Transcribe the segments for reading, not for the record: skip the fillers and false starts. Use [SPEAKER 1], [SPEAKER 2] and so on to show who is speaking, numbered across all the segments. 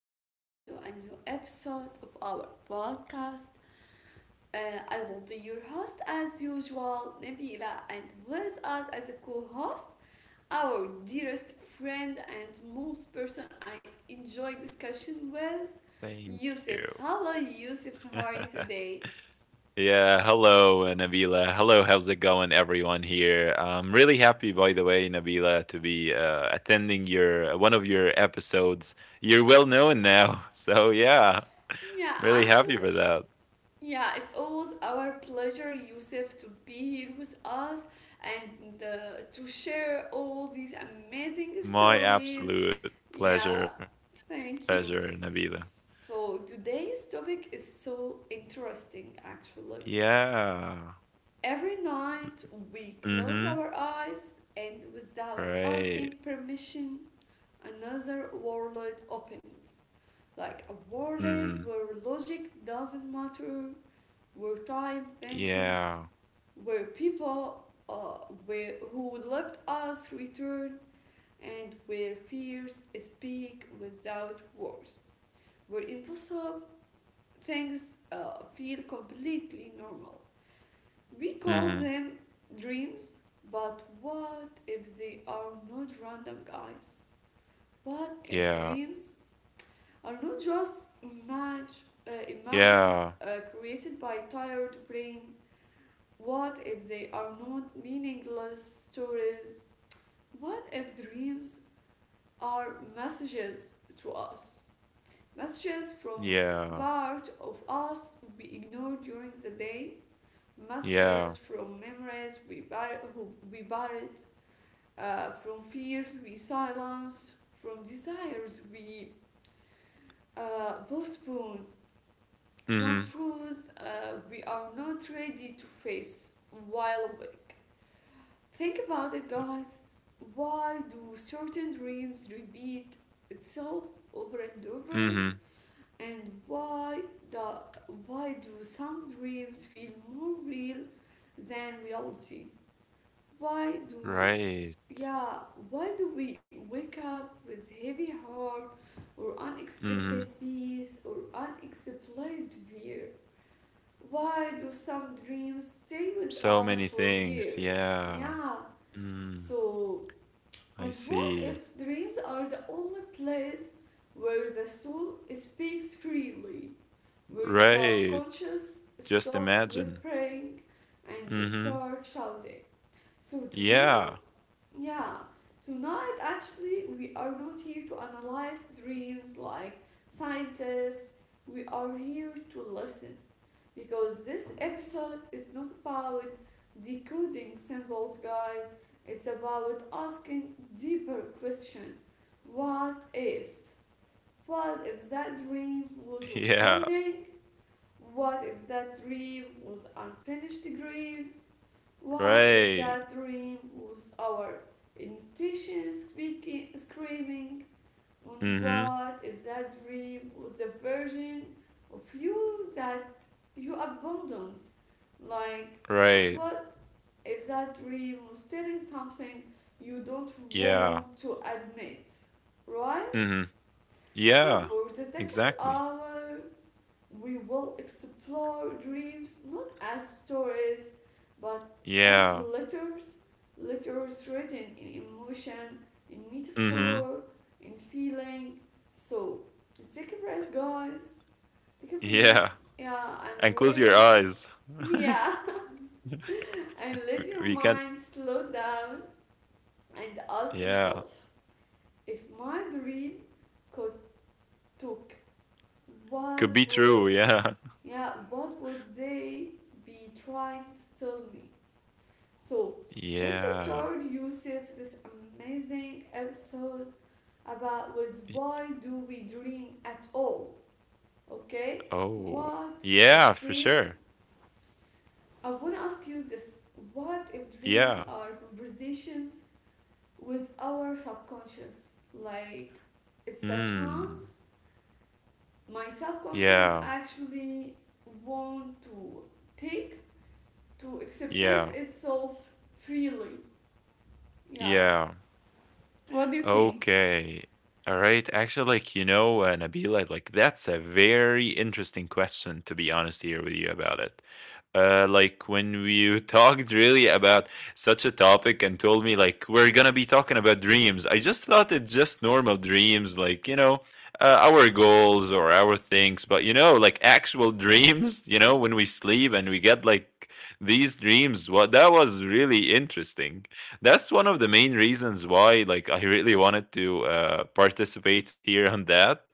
[SPEAKER 1] welcome back to a new episode of our podcast. I will be your host as usual, Nabila, and with us as a co host, our dearest friend and most person I enjoy discussion with,
[SPEAKER 2] Thank
[SPEAKER 1] Yusuf.
[SPEAKER 2] you.
[SPEAKER 1] Hello, Yusuf, how are you today?
[SPEAKER 2] Yeah, hello, Nabila. Hello, how's it going, everyone here? I'm really happy, by the way, Nabila, to be attending your one of your episodes. You're well known now, so yeah,
[SPEAKER 1] Yeah,
[SPEAKER 2] really happy for
[SPEAKER 1] actually,
[SPEAKER 2] that.
[SPEAKER 1] yeah, it's always our pleasure, Yusuf, to be here with us and to share all these amazing
[SPEAKER 2] My
[SPEAKER 1] stories.
[SPEAKER 2] absolute pleasure,
[SPEAKER 1] Yeah, thank
[SPEAKER 2] pleasure,
[SPEAKER 1] you.
[SPEAKER 2] Nabila.
[SPEAKER 1] So, today's topic is so interesting actually.
[SPEAKER 2] Yeah.
[SPEAKER 1] Every night we close
[SPEAKER 2] Mm-hmm.
[SPEAKER 1] our eyes and without
[SPEAKER 2] Right.
[SPEAKER 1] asking permission, another world opens. Like a
[SPEAKER 2] Mm-hmm.
[SPEAKER 1] world where logic doesn't matter, where time bends,
[SPEAKER 2] Yeah.
[SPEAKER 1] where people where who loved us return, and where fears speak without words, where impossible things feel completely normal. We call
[SPEAKER 2] Mm-hmm.
[SPEAKER 1] them dreams, but what if they are not random, guys? What if
[SPEAKER 2] Yeah.
[SPEAKER 1] dreams are not just images
[SPEAKER 2] Yeah.
[SPEAKER 1] created by tired brain? What if they are not meaningless stories? What if dreams are messages to us? Messages from
[SPEAKER 2] Yeah.
[SPEAKER 1] part of us we ignore during the day,
[SPEAKER 2] Yeah.
[SPEAKER 1] messages from memories we, who we buried, from fears we silence, from desires we postpone, from
[SPEAKER 2] Mm-hmm.
[SPEAKER 1] truths we are not ready to face while awake. Think about it, guys. Why do certain dreams repeat itself over and over?
[SPEAKER 2] Mm-hmm.
[SPEAKER 1] And the why do some dreams feel more real than reality? Why do
[SPEAKER 2] Right.
[SPEAKER 1] yeah, why do we wake up with heavy heart or unexpected
[SPEAKER 2] Mhm.
[SPEAKER 1] peace or unexplained fear? Why do some dreams stay with
[SPEAKER 2] So
[SPEAKER 1] us
[SPEAKER 2] many
[SPEAKER 1] for
[SPEAKER 2] things.
[SPEAKER 1] years?
[SPEAKER 2] Yeah.
[SPEAKER 1] Yeah.
[SPEAKER 2] Mm,
[SPEAKER 1] So,
[SPEAKER 2] I
[SPEAKER 1] and what
[SPEAKER 2] see.
[SPEAKER 1] if dreams are the only place where the soul speaks freely, where the
[SPEAKER 2] Right.
[SPEAKER 1] subconscious
[SPEAKER 2] Just
[SPEAKER 1] stops
[SPEAKER 2] imagine.
[SPEAKER 1] whispering and
[SPEAKER 2] Mhm.
[SPEAKER 1] starts shouting? So
[SPEAKER 2] Yeah.
[SPEAKER 1] tonight, yeah, tonight actually we are not here to analyze dreams like scientists. We are here to listen because this episode is not about decoding symbols, guys. It's about asking deeper question. What if? What if that dream was a
[SPEAKER 2] Yeah.
[SPEAKER 1] warning? What if that dream was unfinished dream? What if
[SPEAKER 2] Right.
[SPEAKER 1] that dream was our intuition speaking, screaming, on
[SPEAKER 2] Mhm.
[SPEAKER 1] what if that dream was a version of you that you abandoned? Like, and
[SPEAKER 2] Right.
[SPEAKER 1] what if that dream was telling something you don't
[SPEAKER 2] Yeah.
[SPEAKER 1] want to admit, right?
[SPEAKER 2] Mhm.
[SPEAKER 1] So
[SPEAKER 2] Yeah.
[SPEAKER 1] for the second
[SPEAKER 2] Exactly.
[SPEAKER 1] hour, we will explore dreams not as stories but as
[SPEAKER 2] Yeah.
[SPEAKER 1] letters, letters written in emotion, in
[SPEAKER 2] Mhm.
[SPEAKER 1] metaphor, in feeling. So take a breath, guys. Take a
[SPEAKER 2] Yeah.
[SPEAKER 1] breath, yeah,
[SPEAKER 2] And
[SPEAKER 1] and
[SPEAKER 2] close your eyes.
[SPEAKER 1] yeah, and let your
[SPEAKER 2] We can.
[SPEAKER 1] mind slow down and ask
[SPEAKER 2] Yeah.
[SPEAKER 1] yourself, if my dream could talk,
[SPEAKER 2] Could
[SPEAKER 1] what
[SPEAKER 2] be true.
[SPEAKER 1] would,
[SPEAKER 2] Yeah.
[SPEAKER 1] yeah, what would they be trying to tell me? So let's
[SPEAKER 2] Yeah.
[SPEAKER 1] start, Yusuf, this amazing episode about with
[SPEAKER 2] Y-
[SPEAKER 1] why do we dream at all? Okay,
[SPEAKER 2] Oh.
[SPEAKER 1] what if
[SPEAKER 2] Yeah, for sure.
[SPEAKER 1] dreams? I want to ask you this: what if dreams
[SPEAKER 2] Yeah.
[SPEAKER 1] are conversations with our subconscious? Like it's a
[SPEAKER 2] Mm.
[SPEAKER 1] chance my subconscious
[SPEAKER 2] Yeah.
[SPEAKER 1] actually want to take to express
[SPEAKER 2] Yeah.
[SPEAKER 1] itself freely. Yeah.
[SPEAKER 2] Yeah.
[SPEAKER 1] What do you think?
[SPEAKER 2] Okay. All right. Actually, like, you know, Nabila, like, that's a very interesting question, to be honest here with you about it. Like, when we talked really about such a topic and told me, like, we're gonna be talking about dreams, I just thought it's just normal dreams, like, you know, our goals or our things, but, you know, like, actual dreams, you know, when we sleep and we get, like, these dreams what that was really interesting. That's one of the main reasons why, like, I really wanted to participate here on that,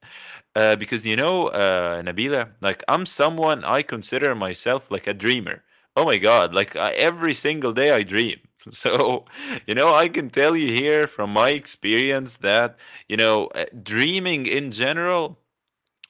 [SPEAKER 2] because, you know, Nabila, like, I'm someone, I consider myself like a dreamer. Oh my god, like every single day I dream. So, you know, I can tell you here from my experience that, you know, dreaming in general,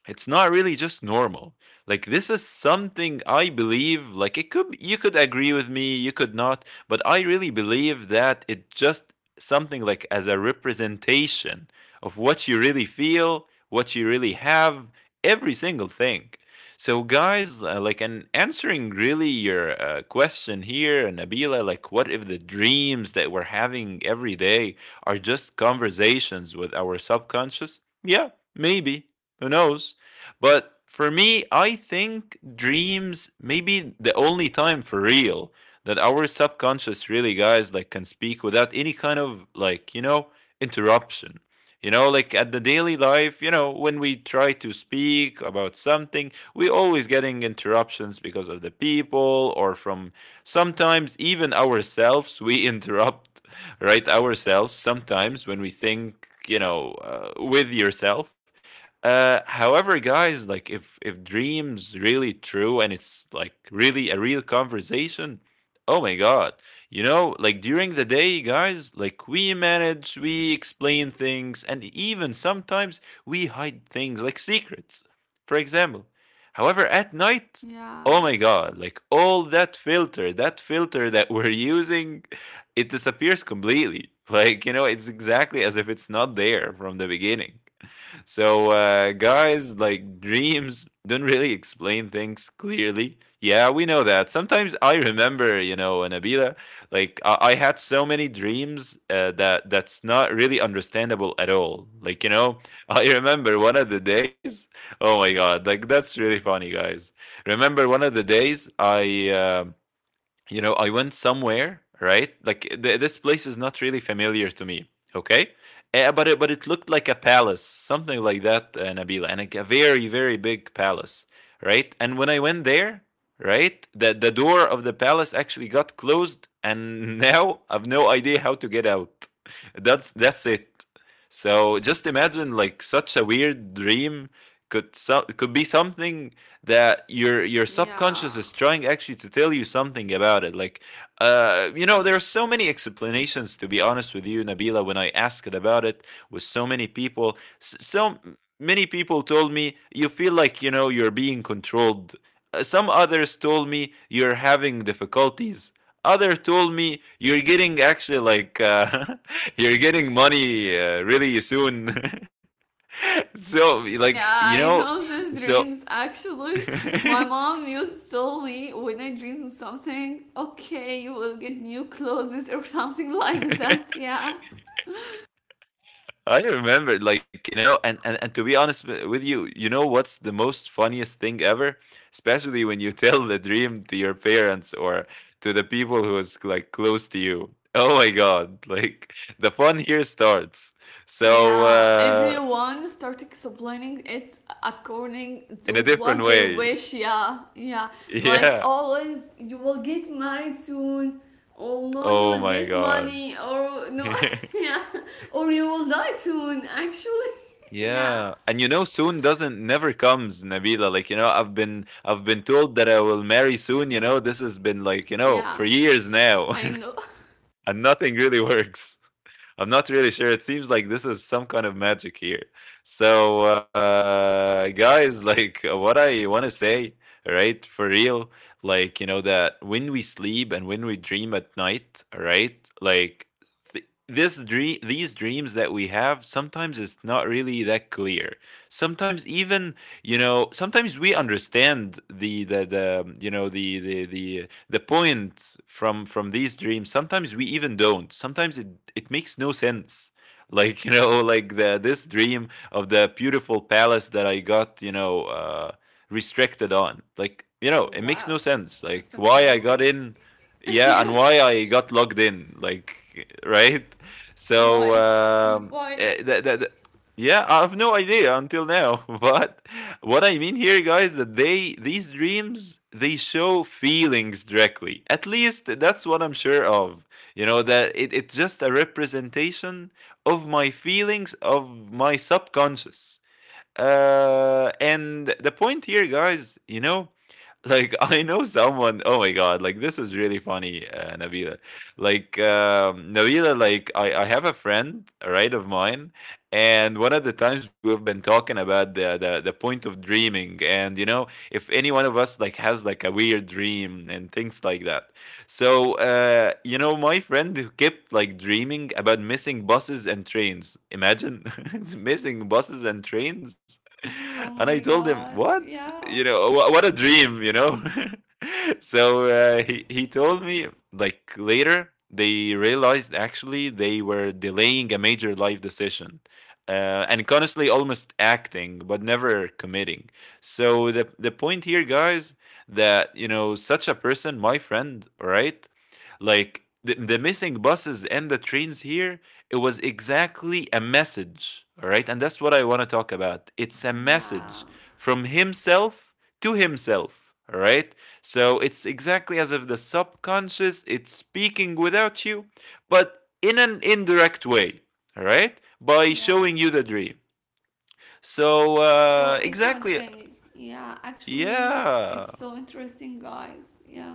[SPEAKER 2] it's not really just normal. Like, this is something I believe, like, it could, you could agree with me, you could not, but I really believe that it just something like as a representation of what you really feel, what you really have, every single thing. So guys, like, and answering really your question here, Nabila, like, what if the dreams that we're having every day are just conversations with our subconscious? Yeah, maybe, who knows? But for me, I think dreams may be the only time for real that our subconscious really, guys, like, can speak without any kind of, like, you know, interruption. You know, like at the daily life, you know, when we try to speak about something, we always getting interruptions because of the people or from sometimes even ourselves. We interrupt, right, ourselves sometimes when we think, you know, with yourself. However, guys, like, if dreams really true and it's like really a real conversation, oh my god, you know, like during the day, guys, like we manage, we explain things, and even sometimes we hide things like secrets, for example. However, at night,
[SPEAKER 1] Yeah,
[SPEAKER 2] oh my god, like all that filter, that filter that we're using, it disappears completely. Like, you know, it's exactly as if it's not there from the beginning. So, guys, like dreams don't really explain things clearly. Yeah, we know that. Sometimes I remember, you know, Nabila, like I had so many dreams that that's not really understandable at all. Like, you know, I remember one of the days. Oh my God, like that's really funny, guys. Remember one of the days I. You know, I went somewhere, right? Like this place is not really familiar to me, okay? But it looked like a palace, something like that, Nabila, and a very big palace, right? And when I went there, right, the door of the palace actually got closed, and now I've no idea how to get out. That's it. So just imagine like such a weird dream could, could be something that your subconscious
[SPEAKER 1] yeah,
[SPEAKER 2] is trying actually to tell you something about it. Like, you know, there are so many explanations, to be honest with you, Nabila. When I asked it about it with so many people, so many people told me, you feel like, you know, you're being controlled. Some others told me you're having difficulties. Other told me you're getting actually like, you're getting money really soon. So, like,
[SPEAKER 1] yeah.
[SPEAKER 2] you
[SPEAKER 1] I
[SPEAKER 2] know,
[SPEAKER 1] know these
[SPEAKER 2] so.
[SPEAKER 1] dreams. Actually, my mom used to tell me when I dream something, okay, you will get new clothes or something like that. Yeah,
[SPEAKER 2] I remember, like, you know, and to be honest with you, you know what's the most funniest thing ever? Especially when you tell the dream to your parents or to the people who is like close to you. Oh my God, like the fun here starts. So,
[SPEAKER 1] yeah, everyone start explaining it according
[SPEAKER 2] in
[SPEAKER 1] to
[SPEAKER 2] a different
[SPEAKER 1] what they
[SPEAKER 2] way.
[SPEAKER 1] wish. Yeah, yeah. Like
[SPEAKER 2] Yeah.
[SPEAKER 1] always, you will get married soon, or no, you
[SPEAKER 2] Oh
[SPEAKER 1] will
[SPEAKER 2] my
[SPEAKER 1] get
[SPEAKER 2] God.
[SPEAKER 1] money, or no, yeah, or you will die soon. Actually, yeah,
[SPEAKER 2] Yeah, and you know, soon doesn't never comes, Nabila. Like, you know, I've been told that I will marry soon. You know, this has been like, you know, for
[SPEAKER 1] yeah.
[SPEAKER 2] years now.
[SPEAKER 1] I know.
[SPEAKER 2] And nothing really works. I'm not really sure. It seems like this is some kind of magic here. So, guys, like, what I want to say, right? For real, like, you know that when we sleep and when we dream at night, right? Like this dream, these dreams that we have, sometimes it's not really that clear. Sometimes even, you know, sometimes we understand the the you know the point from these dreams, sometimes we even don't, sometimes it, it makes no sense. Like, you know, like the, this dream of the beautiful palace that I got, you know, restricted on, like, you know, it makes no
[SPEAKER 1] Wow,
[SPEAKER 2] sense, like
[SPEAKER 1] it's
[SPEAKER 2] why I got
[SPEAKER 1] amazing.
[SPEAKER 2] in, yeah, and
[SPEAKER 1] yeah.
[SPEAKER 2] why I got logged in, like right. So
[SPEAKER 1] Why? Why?
[SPEAKER 2] yeah I have no idea until now. But what I mean here, guys, that they, these dreams, they show feelings directly. At least that's what I'm sure of. You know that it's just a representation of my feelings, of my subconscious. And the point here, guys, you know, like I know someone. Oh my god, like this is really funny, Nabila. Like Nabila, like I have a friend, right, of mine, and one of the times we've been talking about the, the point of dreaming, and you know, if any one of us like has like a weird dream and things like that. So, you know, my friend who kept like dreaming about missing buses and trains. Imagine it's missing buses and trains.
[SPEAKER 1] Oh
[SPEAKER 2] And I
[SPEAKER 1] my
[SPEAKER 2] told him,
[SPEAKER 1] God.
[SPEAKER 2] "What?
[SPEAKER 1] Yeah.
[SPEAKER 2] You know, what a dream, you know." So, he told me, like, later they realized actually they were delaying a major life decision, and honestly almost acting but never committing. So the point here, guys, that you know, such a person, my friend, right, like the missing buses and the trains here, it was exactly a message, all right? And that's what I want to talk about. It's a
[SPEAKER 1] Yeah.
[SPEAKER 2] message from himself to himself, all right? So it's exactly as if the subconscious it's speaking without you, but in an indirect way, all right? By
[SPEAKER 1] Yeah.
[SPEAKER 2] showing you the dream. So
[SPEAKER 1] So
[SPEAKER 2] exactly,
[SPEAKER 1] interesting. Yeah, actually, it's
[SPEAKER 2] yeah.
[SPEAKER 1] so interesting, guys. Yeah.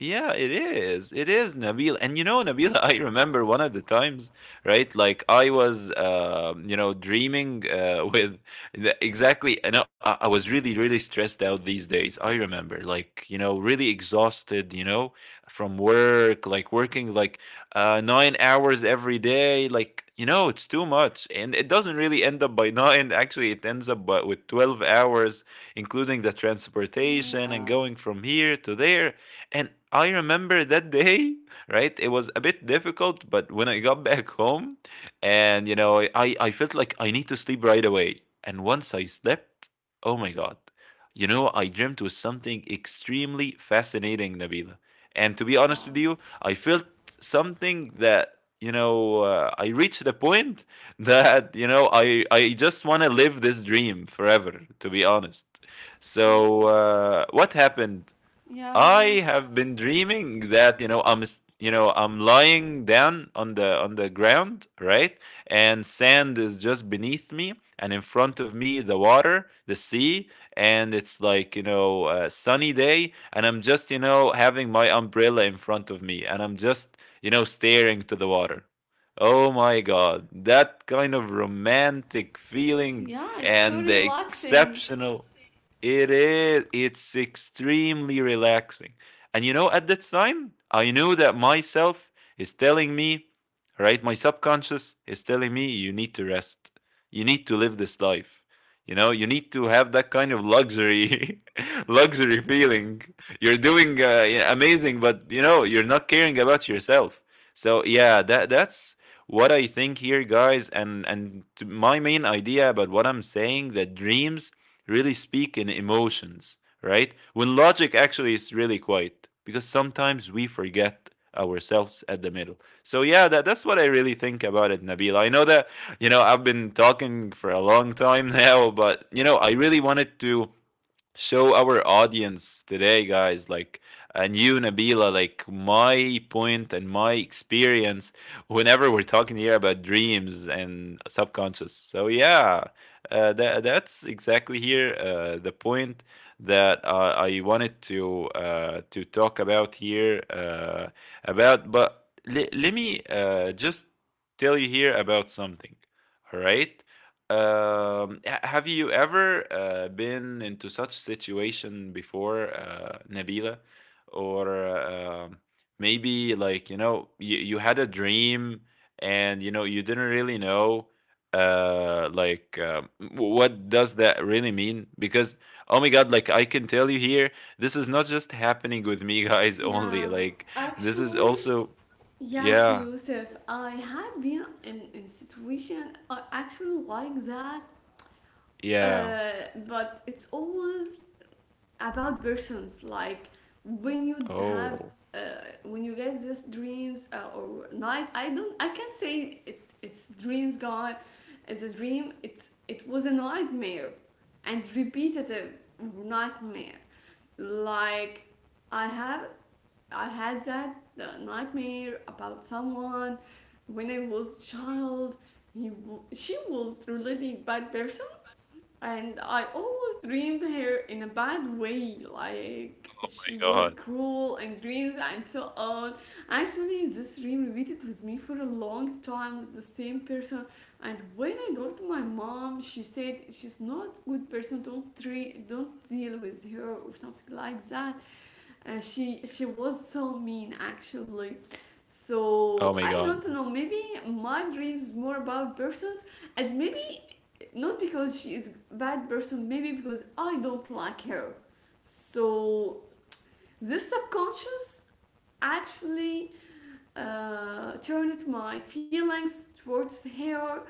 [SPEAKER 2] Yeah, it is. It is, Nabil. And you know, Nabil. I remember one of the times, right? Like I was, you know, dreaming with the, exactly. I know I was really, really stressed out these days. I remember, like, you know, really exhausted, you know, from work, like working like 9 hours every day. Like, you know, it's too much. And it doesn't really end up by nine. Actually, it ends up by, with 12 hours, including the transportation
[SPEAKER 1] Yeah.
[SPEAKER 2] and going from here to there. And I remember that day, right? It was a bit difficult, but when I got back home and, you know, I felt like I need to sleep right away. And once I slept, oh my God, you know, I dreamt was something extremely fascinating, Nabila. And to be honest with
[SPEAKER 1] Wow.
[SPEAKER 2] you, I felt something that, you know, I reached a point that, you know, I just want to live this dream forever, to be honest. So,
[SPEAKER 1] Oh,
[SPEAKER 2] what happened?
[SPEAKER 1] yeah,
[SPEAKER 2] I
[SPEAKER 1] what?
[SPEAKER 2] have been dreaming that you know I'm you know I'm lying down on the ground, right? And sand is just beneath me, and in front of me the water, the sea, and it's like, you know, a sunny day, and I'm just, you know, having my umbrella in front of me, and I'm just, you know, staring to the water. Oh my god, that kind of romantic feeling
[SPEAKER 1] Yeah, it's so
[SPEAKER 2] and the
[SPEAKER 1] relaxing.
[SPEAKER 2] exceptional, it is. It's extremely relaxing. And you know, at that time, I knew that myself is telling me, right? My subconscious is telling me, you need to rest. You need to live this life. You know, you need to have that kind of luxury feeling. You're doing amazing, but you know, you're not caring about yourself. So yeah, that's what I think here, guys. And to my main idea about what I'm saying that dreams really speak in emotions, right? When logic actually is really quiet, because sometimes we forget ourselves at the middle. So yeah, that's what I really think about it, Nabil. I know that you know I've been talking for a long time now, but you know I really wanted to show our audience today guys like and you nabila like my point and my experience whenever we're talking here about dreams and subconscious so yeah that's exactly here the point that I wanted to talk about here about but let me just tell you here about something all right. Have you ever been into such situation before, Nabila? Or maybe like, you know, you had a dream and, you know, you didn't really know what does that really mean because oh my god like I can tell you here this is not just happening with me guys only
[SPEAKER 1] Yeah.
[SPEAKER 2] like this is
[SPEAKER 1] Actually,
[SPEAKER 2] also.
[SPEAKER 1] yes,
[SPEAKER 2] Yeah.
[SPEAKER 1] Yusuf, I had been in situation I actually like that.
[SPEAKER 2] Yeah.
[SPEAKER 1] But it's always about persons, like when you have
[SPEAKER 2] Oh
[SPEAKER 1] uh, when you get these dreams or night, I don't, I can't say it, it's dreams gone, it's a dream, it's it was a nightmare and repetitive nightmare. Like i have I had that the nightmare about someone when I was child. He, she was really bad person, and I always dreamed her in a bad way, like
[SPEAKER 2] my
[SPEAKER 1] she was
[SPEAKER 2] god.
[SPEAKER 1] cruel and dreams and so on. Actually, this dream repeated with me for a long time with the same person. And when I told my mom, she said she's not a good person. Don't don't deal with her or something like that. And she was so mean actually.
[SPEAKER 2] Oh
[SPEAKER 1] So
[SPEAKER 2] my
[SPEAKER 1] I
[SPEAKER 2] god.
[SPEAKER 1] don't know. Maybe my dreams more about persons, and maybe not because she is a bad person, maybe because I don't like her. So this subconscious actually turned my feelings towards her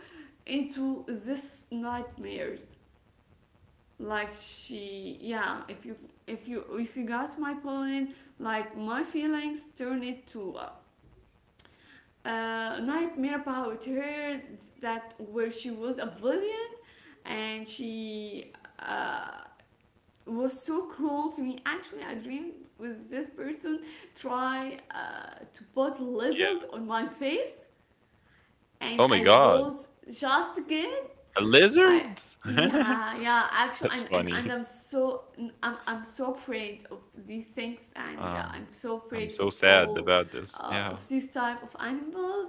[SPEAKER 1] into this nightmares like she yeah if you if you if you got my point like my feelings turned it to a nightmare about her that where she was a villain and she uh, was so cruel to me. Actually, I dreamed with this person try to put
[SPEAKER 2] Yeah.
[SPEAKER 1] lizard on my face, and
[SPEAKER 2] Oh my
[SPEAKER 1] I
[SPEAKER 2] god.
[SPEAKER 1] was just again.
[SPEAKER 2] A
[SPEAKER 1] I
[SPEAKER 2] lizard?
[SPEAKER 1] yeah yeah actually
[SPEAKER 2] That's
[SPEAKER 1] I'm and
[SPEAKER 2] funny.
[SPEAKER 1] I'm so I'm so afraid of these things and I'm
[SPEAKER 2] Um,
[SPEAKER 1] so afraid
[SPEAKER 2] I'm
[SPEAKER 1] of
[SPEAKER 2] so sad
[SPEAKER 1] all
[SPEAKER 2] about this. Yeah.
[SPEAKER 1] of these type of animals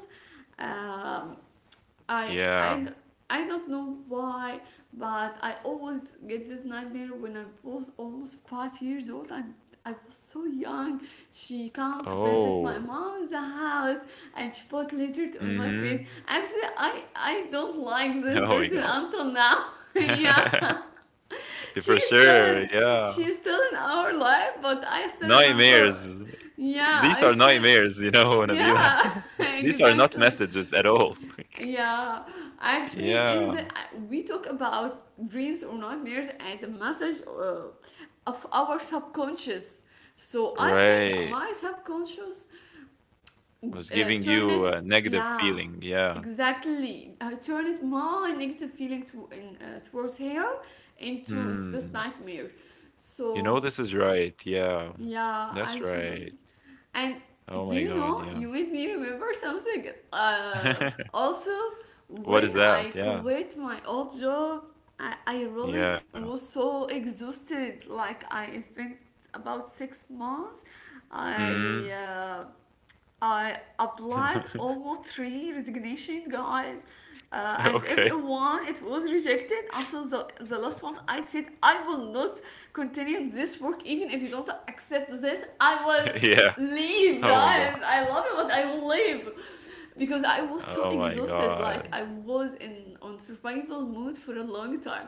[SPEAKER 1] um, I,
[SPEAKER 2] Yeah.
[SPEAKER 1] I, I don't know why, but I always get this nightmare when I was almost 5 years old and I was so young. She came to visit my
[SPEAKER 2] Oh.
[SPEAKER 1] mom's house and she put lizard on my face.
[SPEAKER 2] Mhm.
[SPEAKER 1] Actually, I don't like this
[SPEAKER 2] Oh my
[SPEAKER 1] person
[SPEAKER 2] god.
[SPEAKER 1] until now. yeah,
[SPEAKER 2] For
[SPEAKER 1] she's still
[SPEAKER 2] sure,
[SPEAKER 1] in,
[SPEAKER 2] yeah.
[SPEAKER 1] she's still in our life, but I still remember.
[SPEAKER 2] Nightmares.
[SPEAKER 1] Yeah, I
[SPEAKER 2] These are
[SPEAKER 1] still,
[SPEAKER 2] nightmares, you know,
[SPEAKER 1] yeah,
[SPEAKER 2] Nabila. These are not
[SPEAKER 1] exactly.
[SPEAKER 2] messages at all. Like,
[SPEAKER 1] Yeah, actually, in the
[SPEAKER 2] yeah.
[SPEAKER 1] we talk about dreams or nightmares as a message of our subconscious. So I think
[SPEAKER 2] Right.
[SPEAKER 1] my subconscious
[SPEAKER 2] Was giving
[SPEAKER 1] turn
[SPEAKER 2] you
[SPEAKER 1] it,
[SPEAKER 2] a negative
[SPEAKER 1] yeah,
[SPEAKER 2] feeling, yeah.
[SPEAKER 1] exactly, I turn it my negative feeling towards her into this
[SPEAKER 2] Hmm.
[SPEAKER 1] nightmare.
[SPEAKER 2] You know
[SPEAKER 1] So
[SPEAKER 2] this is right, yeah.
[SPEAKER 1] yeah,
[SPEAKER 2] That's
[SPEAKER 1] I should.
[SPEAKER 2] right.
[SPEAKER 1] And
[SPEAKER 2] Oh
[SPEAKER 1] do
[SPEAKER 2] my
[SPEAKER 1] you
[SPEAKER 2] god,
[SPEAKER 1] know,
[SPEAKER 2] yeah.
[SPEAKER 1] you made me remember something. Uh, Also,
[SPEAKER 2] What is
[SPEAKER 1] when I
[SPEAKER 2] that? Yeah.
[SPEAKER 1] quit my old job, I really
[SPEAKER 2] Yeah.
[SPEAKER 1] was so exhausted. Like, I spent about 6 months. I
[SPEAKER 2] Mm.
[SPEAKER 1] uh, I applied almost three resignation, guys, and
[SPEAKER 2] Okay.
[SPEAKER 1] everyone it was rejected until the last one. I said I will not continue this work even if you don't accept this. I will
[SPEAKER 2] Yeah.
[SPEAKER 1] leave,
[SPEAKER 2] Oh my
[SPEAKER 1] guys,
[SPEAKER 2] god.
[SPEAKER 1] I love it but I will leave because I was so
[SPEAKER 2] Oh my
[SPEAKER 1] exhausted.
[SPEAKER 2] god.
[SPEAKER 1] Like I was in on survival mode for a long time,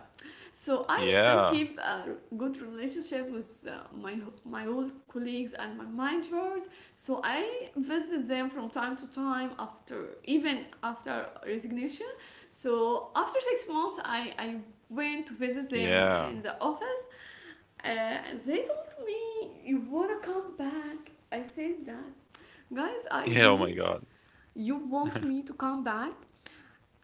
[SPEAKER 1] so I still
[SPEAKER 2] Yeah.
[SPEAKER 1] keep a good relationship with my old colleagues and my managers. So I visit them from time to time after, even after resignation. So after 6 months, I went to visit them
[SPEAKER 2] Yeah.
[SPEAKER 1] in the office. Uh, and they told me, you wanna come back. I said, that guys, I
[SPEAKER 2] Yeah, oh
[SPEAKER 1] dreamed
[SPEAKER 2] my god.
[SPEAKER 1] you want me to come back.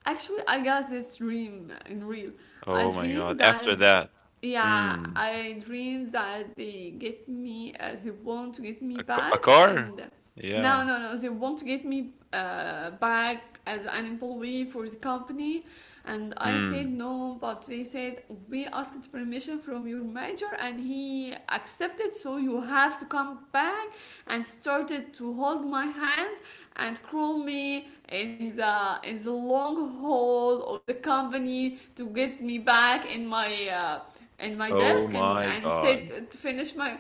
[SPEAKER 1] Actually, I got this dream in real. I
[SPEAKER 2] Oh my
[SPEAKER 1] dream
[SPEAKER 2] god.
[SPEAKER 1] that,
[SPEAKER 2] After that,
[SPEAKER 1] yeah,
[SPEAKER 2] mm,
[SPEAKER 1] I dream that they get me, they want to get me
[SPEAKER 2] a a
[SPEAKER 1] back,
[SPEAKER 2] car?
[SPEAKER 1] and
[SPEAKER 2] Yeah.
[SPEAKER 1] no, no, no, they want to get me back as an employee for the company, and I said
[SPEAKER 2] Mm.
[SPEAKER 1] no, but they said we asked permission from your manager, and he accepted, so you have to come back, and started to hold my hand and cruel me in the long haul of the company to get me back in my
[SPEAKER 2] Oh
[SPEAKER 1] desk,
[SPEAKER 2] my
[SPEAKER 1] and
[SPEAKER 2] god.
[SPEAKER 1] said to finish my,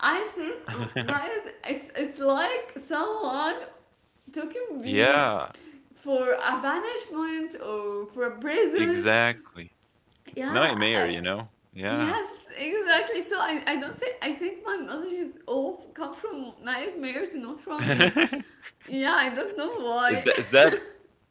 [SPEAKER 1] I said, guys, it's like someone taking me
[SPEAKER 2] Yeah,
[SPEAKER 1] for a banishment or for a prison,
[SPEAKER 2] exactly.
[SPEAKER 1] yeah
[SPEAKER 2] Nightmare,
[SPEAKER 1] I,
[SPEAKER 2] you know? Yeah.
[SPEAKER 1] yes, exactly. So I don't think, I think my messages all come from nightmares and not from dreams. Yeah, I don't know
[SPEAKER 2] Is
[SPEAKER 1] why.
[SPEAKER 2] that is that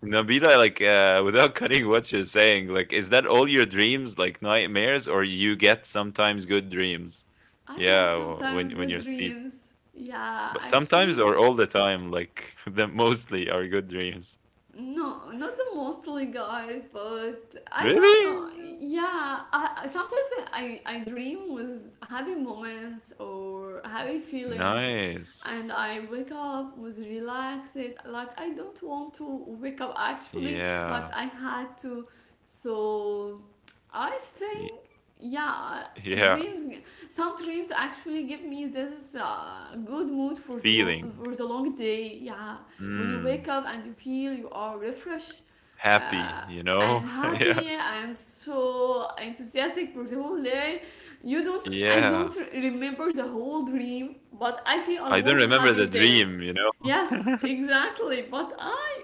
[SPEAKER 2] Nabila, like without cutting what you're saying, like is that all your dreams, like nightmares, or you get sometimes good dreams?
[SPEAKER 1] I
[SPEAKER 2] Yeah,
[SPEAKER 1] have
[SPEAKER 2] w- when
[SPEAKER 1] sometimes
[SPEAKER 2] when
[SPEAKER 1] good
[SPEAKER 2] you're asleep,
[SPEAKER 1] dreams. Yeah,
[SPEAKER 2] but sometimes
[SPEAKER 1] actually,
[SPEAKER 2] or all the time, like the mostly are good dreams.
[SPEAKER 1] no, not the mostly, guys, but I don't
[SPEAKER 2] Really?
[SPEAKER 1] know. Yeah, sometimes I dream with happy moments or happy feelings, and
[SPEAKER 2] Nice.
[SPEAKER 1] I wake up with relaxed. Like I don't want to wake up actually, but
[SPEAKER 2] Yeah.
[SPEAKER 1] I had to. So I
[SPEAKER 2] Y-
[SPEAKER 1] think, yeah,
[SPEAKER 2] Yeah.
[SPEAKER 1] dreams. Some dreams actually give me this good mood for the long
[SPEAKER 2] Feeling.
[SPEAKER 1] for the long day. Yeah, when you wake
[SPEAKER 2] Mm.
[SPEAKER 1] up and you feel you are refreshed
[SPEAKER 2] Happy.
[SPEAKER 1] uh,
[SPEAKER 2] You
[SPEAKER 1] and
[SPEAKER 2] know. Yeah.
[SPEAKER 1] happy and so enthusiastic for the whole day. You don't, I
[SPEAKER 2] Yeah.
[SPEAKER 1] don't remember the whole dream, but I feel I
[SPEAKER 2] I don't
[SPEAKER 1] was
[SPEAKER 2] remember
[SPEAKER 1] happy
[SPEAKER 2] the
[SPEAKER 1] there.
[SPEAKER 2] dream. You
[SPEAKER 1] Yes,
[SPEAKER 2] know.
[SPEAKER 1] exactly, but i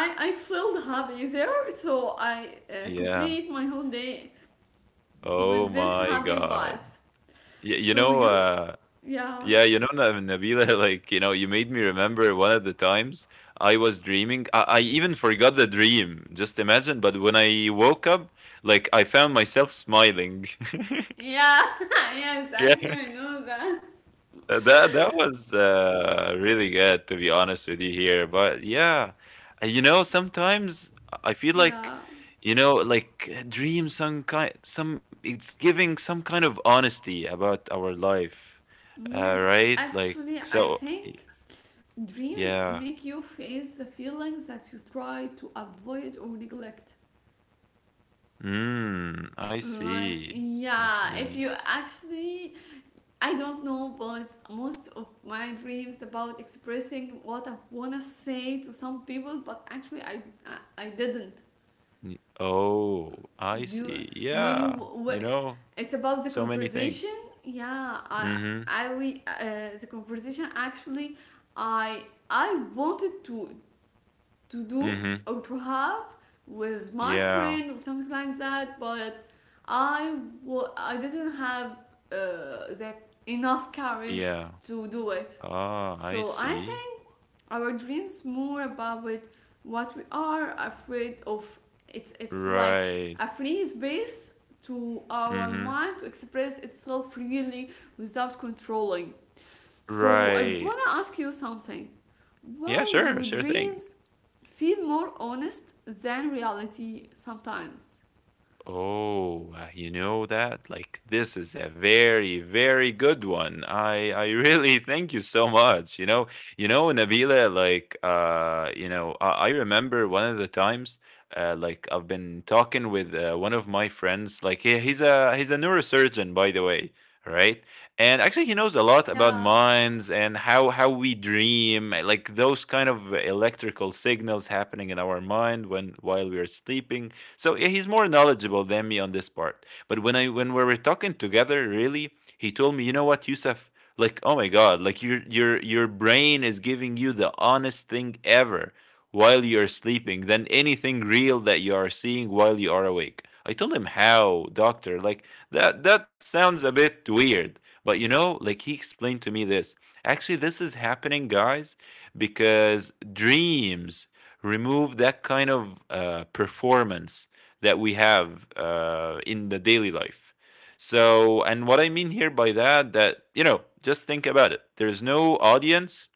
[SPEAKER 1] i I felt happy there, so I
[SPEAKER 2] Yeah.
[SPEAKER 1] complete my whole day
[SPEAKER 2] Oh
[SPEAKER 1] with this
[SPEAKER 2] my
[SPEAKER 1] happy
[SPEAKER 2] God.
[SPEAKER 1] vibes.
[SPEAKER 2] Y you
[SPEAKER 1] So
[SPEAKER 2] know,
[SPEAKER 1] you,
[SPEAKER 2] uh,
[SPEAKER 1] yeah,
[SPEAKER 2] yeah, you know, Nabila, like, you know, you made me remember one of the times I was dreaming. I even forgot the dream, just imagine. But when I woke up, like, I found myself smiling.
[SPEAKER 1] yeah, yes actually
[SPEAKER 2] Yeah.
[SPEAKER 1] I know that,
[SPEAKER 2] That that was really good to be honest with you here, but yeah, you know sometimes I feel like
[SPEAKER 1] yeah,
[SPEAKER 2] you know like dreams some kind some it's giving some kind of honesty about our life,
[SPEAKER 1] yes,
[SPEAKER 2] right? Like
[SPEAKER 1] actually, I
[SPEAKER 2] so,
[SPEAKER 1] think dreams make
[SPEAKER 2] yeah.
[SPEAKER 1] you face the feelings that you try to avoid or neglect.
[SPEAKER 2] Mm, I
[SPEAKER 1] Like,
[SPEAKER 2] see. I
[SPEAKER 1] yeah, if
[SPEAKER 2] see.
[SPEAKER 1] you actually, I don't know, but most of my dreams about expressing what I wanna say to some people, but actually, I didn't
[SPEAKER 2] Oh, I
[SPEAKER 1] do,
[SPEAKER 2] see.
[SPEAKER 1] when you
[SPEAKER 2] Yeah,
[SPEAKER 1] wh-
[SPEAKER 2] you know
[SPEAKER 1] it's about the
[SPEAKER 2] so many things.
[SPEAKER 1] conversation. Yeah,
[SPEAKER 2] Mm-hmm.
[SPEAKER 1] I we the conversation actually I I wanted to do
[SPEAKER 2] Mm-hmm.
[SPEAKER 1] or to have with my
[SPEAKER 2] Yeah.
[SPEAKER 1] friend or something like that, but I I didn't have the enough courage
[SPEAKER 2] Yeah.
[SPEAKER 1] to do it.
[SPEAKER 2] Oh, I
[SPEAKER 1] So I
[SPEAKER 2] see.
[SPEAKER 1] think our dreams more about it, what we are afraid of. It's like
[SPEAKER 2] Right.
[SPEAKER 1] a free space to our
[SPEAKER 2] Mhm.
[SPEAKER 1] mind to express itself freely without controlling. So I
[SPEAKER 2] Right.
[SPEAKER 1] wanna ask you something.
[SPEAKER 2] Yeah,
[SPEAKER 1] Why do
[SPEAKER 2] sure, sure thing.
[SPEAKER 1] dreams feel more honest than reality sometimes?
[SPEAKER 2] Oh, you know that? Like this is a very, very good one. I really thank you so much. You know, Nabila, like you know, I remember one of the times like I've been talking with one of my friends, like he's a he's a neurosurgeon by the way, right? And actually he knows a lot about
[SPEAKER 1] Yeah,
[SPEAKER 2] minds and how we dream, like those kind of electrical signals happening in our mind when while we are sleeping so yeah, he's more knowledgeable than me on this part. But when we were talking together, really, he told me, you know what, Yusuf, like oh my god, like your brain is giving you the honest thing ever while you are sleeping than anything real that you are seeing while you are awake. I told him how, doctor, like that that sounds a bit weird. But you know, like he explained to me this. Actually, this is happening, guys, because dreams remove that kind of performance that we have in the daily life. So, and what I mean here by that, that, you know, just think about it. There's no audience,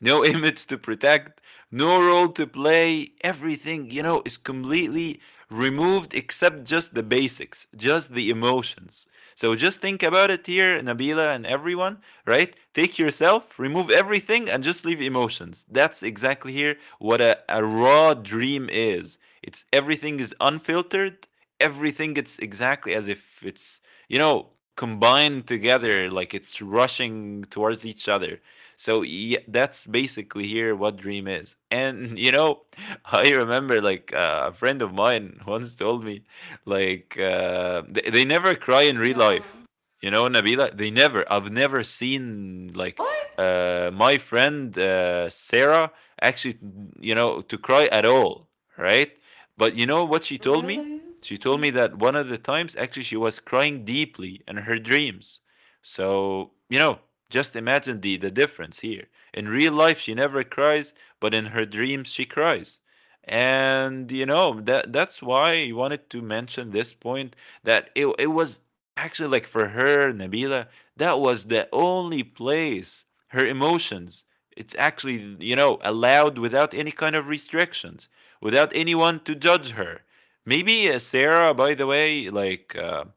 [SPEAKER 2] no image to protect, no role to play. Everything, you know, is completely removed except just the basics, just the emotions. So just think about it here, Nabila and everyone, right? Take yourself, remove everything, and just leave emotions. That's exactly here what a raw dream is. It's everything is unfiltered, everything it's exactly as if it's you know combined together like it's rushing towards each other so yeah, that's basically here what dream is. And you know, I remember like a friend of mine once told me like they never cry in real
[SPEAKER 1] yeah.
[SPEAKER 2] life. You know, Nabila, they never. I've never seen like
[SPEAKER 1] Really?
[SPEAKER 2] my friend Sarah actually, you know, to cry at all, right? But you know what she told me?
[SPEAKER 1] Really?
[SPEAKER 2] She told me
[SPEAKER 1] Yeah.
[SPEAKER 2] that one of the times actually she was crying deeply in her dreams. So, you know, just imagine the difference here. In real life, she never cries, but in her dreams, she cries. And you know that that's why I wanted to mention this point that it was actually like for her Nabila that was the only place her emotions it's actually you know allowed without any kind of restrictions without anyone to judge her maybe Sarah by the way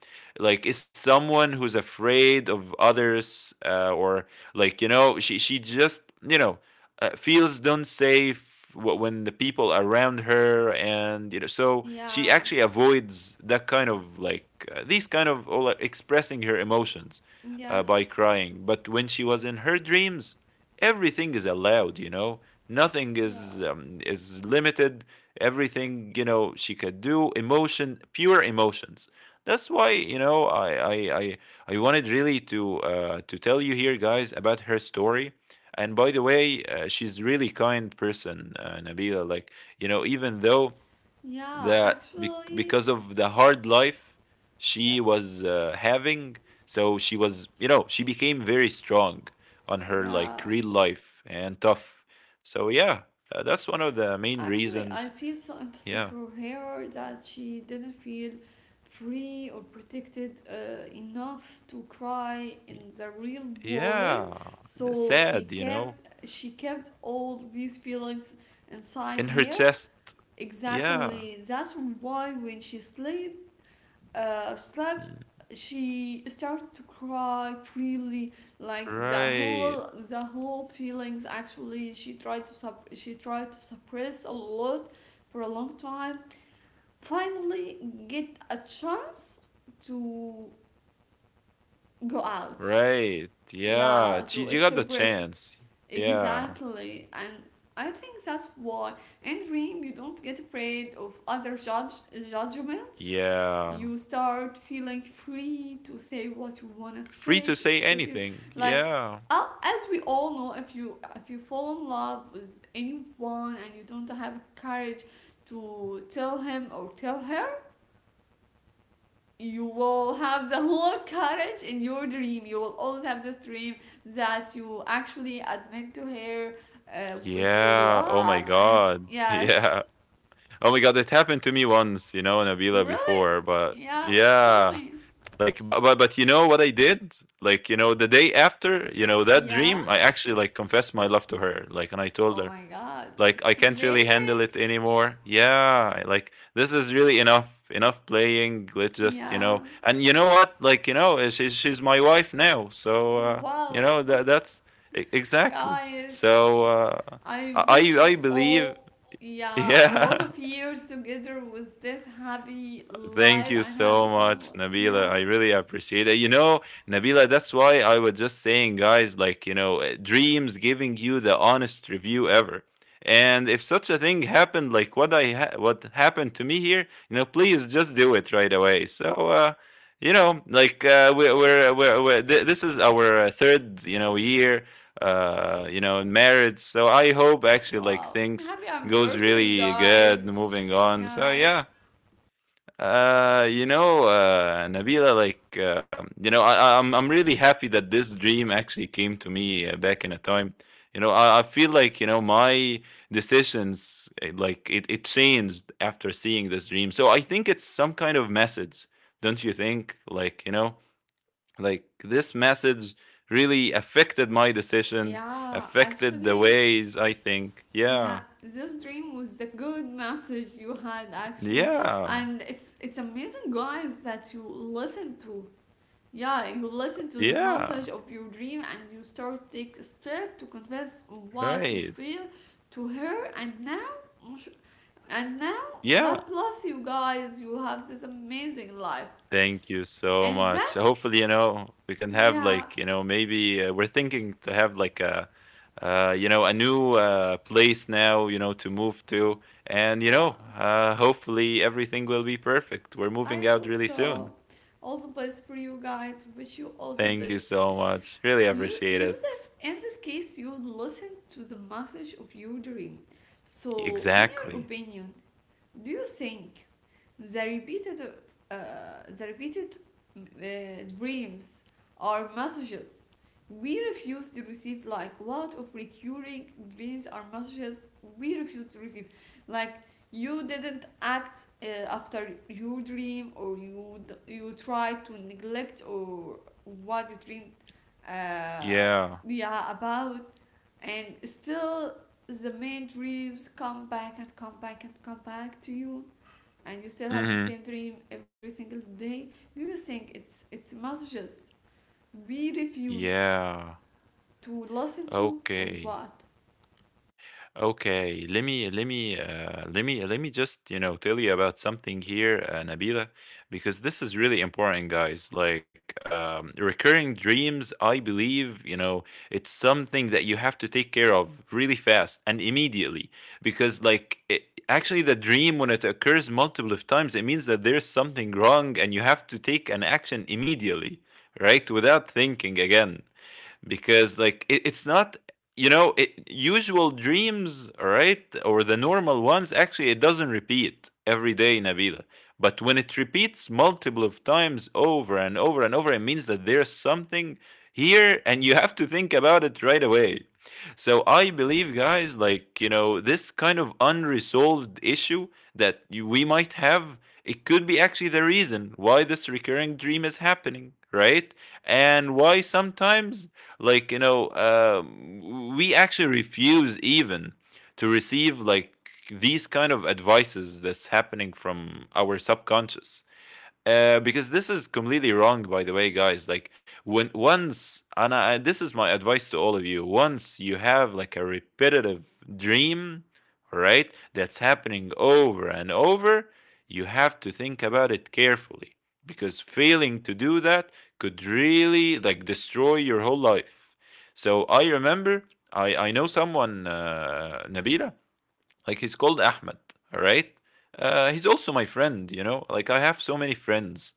[SPEAKER 2] like is someone who's afraid of others or like you know she just you know feels don't safe when the people around her and you know so she
[SPEAKER 1] Yeah.
[SPEAKER 2] actually avoids that kind of like these kind of all expressing her emotions by
[SPEAKER 1] Yes.
[SPEAKER 2] crying but when she was in her dreams everything is allowed you know nothing
[SPEAKER 1] Yeah.
[SPEAKER 2] is is limited everything you know she could do emotion pure emotions that's why you know I wanted really to tell you here, guys, about her story. And by the way, she's really kind person, Nabila. Like you know, even though
[SPEAKER 1] Yeah,
[SPEAKER 2] that
[SPEAKER 1] actually,
[SPEAKER 2] because of the hard life she
[SPEAKER 1] yes.
[SPEAKER 2] was having, so she was you know she became very strong on her
[SPEAKER 1] Yeah.
[SPEAKER 2] like real life and tough. So yeah, that's one of the main
[SPEAKER 1] Actually, I
[SPEAKER 2] reasons.
[SPEAKER 1] feel so empathy
[SPEAKER 2] Yeah,
[SPEAKER 1] for her that she didn't feel free or protected enough to cry in the real world.
[SPEAKER 2] yeah, that's
[SPEAKER 1] So
[SPEAKER 2] sad, you know.
[SPEAKER 1] she kept all these feelings inside
[SPEAKER 2] In her
[SPEAKER 1] her.
[SPEAKER 2] chest. Yeah.
[SPEAKER 1] Exactly. That's why when she sleep, slept,
[SPEAKER 2] Mm.
[SPEAKER 1] she started to cry freely, like the
[SPEAKER 2] Right.
[SPEAKER 1] whole the whole feelings. Actually, she tried to suppress a lot for a long time. Finally, get a chance to go out.
[SPEAKER 2] Right. Yeah.
[SPEAKER 1] Yeah, to
[SPEAKER 2] She got the
[SPEAKER 1] express.
[SPEAKER 2] chance. Yeah.
[SPEAKER 1] Exactly. And I think that's why in dream you don't get afraid of other judge judgment.
[SPEAKER 2] Yeah.
[SPEAKER 1] You start feeling free to say what you wanna
[SPEAKER 2] Free
[SPEAKER 1] say,
[SPEAKER 2] to
[SPEAKER 1] to
[SPEAKER 2] say
[SPEAKER 1] express it.
[SPEAKER 2] anything.
[SPEAKER 1] Like
[SPEAKER 2] Yeah.
[SPEAKER 1] as we all know, if you fall in love with anyone and you don't have courage to tell him or tell her, you will have the whole courage in your dream. You will always have this dream that you actually admit to her with your
[SPEAKER 2] Yeah. Oh my
[SPEAKER 1] love, and
[SPEAKER 2] God.
[SPEAKER 1] yes,
[SPEAKER 2] Yeah. Oh my God. It happened to me once, you know, Nabila
[SPEAKER 1] really.
[SPEAKER 2] before, but
[SPEAKER 1] Yeah, tell
[SPEAKER 2] yeah.
[SPEAKER 1] me.
[SPEAKER 2] Like, but you know what I did? Like, you know, the day after, you know, that dream,
[SPEAKER 1] Yeah,
[SPEAKER 2] I actually like confessed my love to her. Like, and I told
[SPEAKER 1] oh
[SPEAKER 2] her,
[SPEAKER 1] my god,
[SPEAKER 2] like I
[SPEAKER 1] it's
[SPEAKER 2] can't really handle
[SPEAKER 1] amazing.
[SPEAKER 2] it anymore. Yeah, like this is really enough, enough playing. Let's just you
[SPEAKER 1] Yeah.
[SPEAKER 2] know, and you know what, like you know, she's my wife now, so you
[SPEAKER 1] Wow.
[SPEAKER 2] know that that's exactly.
[SPEAKER 1] guys
[SPEAKER 2] So
[SPEAKER 1] i, I wish you
[SPEAKER 2] I believe,
[SPEAKER 1] all, yeah, a lot
[SPEAKER 2] yeah,
[SPEAKER 1] of years together with this happy
[SPEAKER 2] thank
[SPEAKER 1] life
[SPEAKER 2] you
[SPEAKER 1] and happy
[SPEAKER 2] so much,
[SPEAKER 1] family.
[SPEAKER 2] Nabila.
[SPEAKER 1] Yeah.
[SPEAKER 2] I really appreciate it. You know, Nabila, that's why I was just saying, guys, like, you know, dreams giving you the honest review ever. And if such a thing happened, like what I what happened to me here, you know, please just do it right away. So, you know, like this is our third, you know, year, you know, in marriage. So I hope actually like
[SPEAKER 1] Wow,
[SPEAKER 2] things
[SPEAKER 1] happy
[SPEAKER 2] goes
[SPEAKER 1] anniversary,
[SPEAKER 2] really good
[SPEAKER 1] guys!
[SPEAKER 2] moving on. So
[SPEAKER 1] Yeah,
[SPEAKER 2] yeah, you know, Nabila, like, you know, I'm really happy that this dream actually came to me back in a time. You know, I feel like, you know, my decisions, eh, like, it changed after seeing this dream. So I think it's some kind of message, don't you think? Like, you know, like this message really affected my decisions,
[SPEAKER 1] yeah,
[SPEAKER 2] affected the
[SPEAKER 1] actually,
[SPEAKER 2] ways I think.
[SPEAKER 1] yeah,
[SPEAKER 2] Yeah.
[SPEAKER 1] this dream was the good message you had, actually,
[SPEAKER 2] Yeah.
[SPEAKER 1] and it's amazing, guys, that you listen to. Yeah, you listen to the message
[SPEAKER 2] Yeah.
[SPEAKER 1] of your dream and you start take a step to confess what you
[SPEAKER 2] Right.
[SPEAKER 1] feel to her, and now,
[SPEAKER 2] Yeah.
[SPEAKER 1] God bless you guys. You have this amazing life,
[SPEAKER 2] Thank you so
[SPEAKER 1] and
[SPEAKER 2] much.
[SPEAKER 1] that,
[SPEAKER 2] Hopefully, you know, we can have
[SPEAKER 1] yeah,
[SPEAKER 2] like, you know, maybe we're thinking to have like a, you know, a new place now, you know, to move to. And, you
[SPEAKER 1] wow.
[SPEAKER 2] know, hopefully everything will be perfect. We're moving
[SPEAKER 1] I
[SPEAKER 2] out
[SPEAKER 1] hope
[SPEAKER 2] really
[SPEAKER 1] so.
[SPEAKER 2] soon.
[SPEAKER 1] All the best for you guys. Wish you all the
[SPEAKER 2] Thank you
[SPEAKER 1] best.
[SPEAKER 2] so much. Really
[SPEAKER 1] You,
[SPEAKER 2] appreciate it.
[SPEAKER 1] Yusuf, in this case, you listen to the message of your dream. So, in your
[SPEAKER 2] Exactly.
[SPEAKER 1] opinion, do you think the repeated, uh, the repeated dreams are messages we refuse to receive? Like, what of recurring dreams are messages we refuse to receive? Like, you didn't act after your dream, or you try to neglect or what you dreamed, uh,
[SPEAKER 2] Yeah.
[SPEAKER 1] yeah, about, and still the main dreams come back and come back and come back to you, and you still have the
[SPEAKER 2] Mm-hmm.
[SPEAKER 1] same dream every single day. Do you think it's messages we refused
[SPEAKER 2] Yeah.
[SPEAKER 1] to listen to or
[SPEAKER 2] Okay.
[SPEAKER 1] what?
[SPEAKER 2] Okay, let me let me let me let me just you know tell you about something here, Nabila, because this is really important, guys. Like recurring dreams, I believe it's something that you have to take care of really fast and immediately, because actually the dream when it occurs multiple of times, it means that there's something wrong and you have to take an action immediately, right? Without thinking again because it's not usual dreams, all right, or the normal ones. Actually it doesn't repeat every day, Nabila, but when it repeats multiple of times over and over and over, it means that there's something here and you have to think about it right away. So I believe, guys, like this kind of unresolved issue that we might have, it could be actually the reason why this recurring dream is happening, right? And why sometimes, like we actually refuse even to receive like these kind of advices that's happening from our subconscious, because this is completely wrong, by the way, guys. Like when once, and I, this is my advice to all of you: once you have like a repetitive dream, right, that's happening over and over, you have to think about it carefully, because failing to do that could really like destroy your whole life. So I remember I know someone, Nabila, like he's called Ahmed, all right? He's also my friend, you know? Like I have so many friends.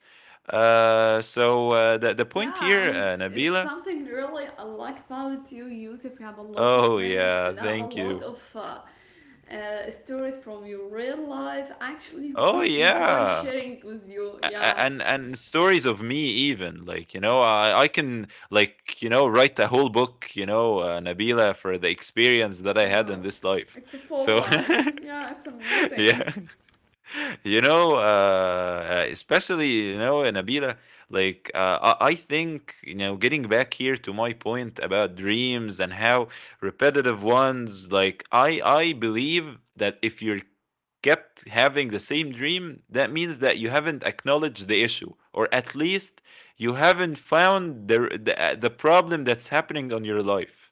[SPEAKER 2] The point
[SPEAKER 1] Yeah,
[SPEAKER 2] here,
[SPEAKER 1] and it's
[SPEAKER 2] Nabila.
[SPEAKER 1] something really I like about you, Yusuf. You have a lot of
[SPEAKER 2] Oh,
[SPEAKER 1] friends
[SPEAKER 2] yeah,
[SPEAKER 1] and have a
[SPEAKER 2] thank
[SPEAKER 1] lot
[SPEAKER 2] you.
[SPEAKER 1] of stories from your real life. Actually,
[SPEAKER 2] Oh,
[SPEAKER 1] we enjoy
[SPEAKER 2] yeah.
[SPEAKER 1] sharing with you.
[SPEAKER 2] A- a-
[SPEAKER 1] Yeah,
[SPEAKER 2] And and stories of me even, like I can like write a whole book, you know, Nabila, for the experience that I had in
[SPEAKER 1] wow,
[SPEAKER 2] this life.
[SPEAKER 1] it's a
[SPEAKER 2] So
[SPEAKER 1] full life. Yeah, it's
[SPEAKER 2] yeah.
[SPEAKER 1] amazing.
[SPEAKER 2] You know, especially you know, Nabila, like I think, you know, getting back here to my point about dreams and how repetitive ones, like I believe that if you're kept having the same dream, that means that you haven't acknowledged the issue, or at least you haven't found the problem that's happening on your life.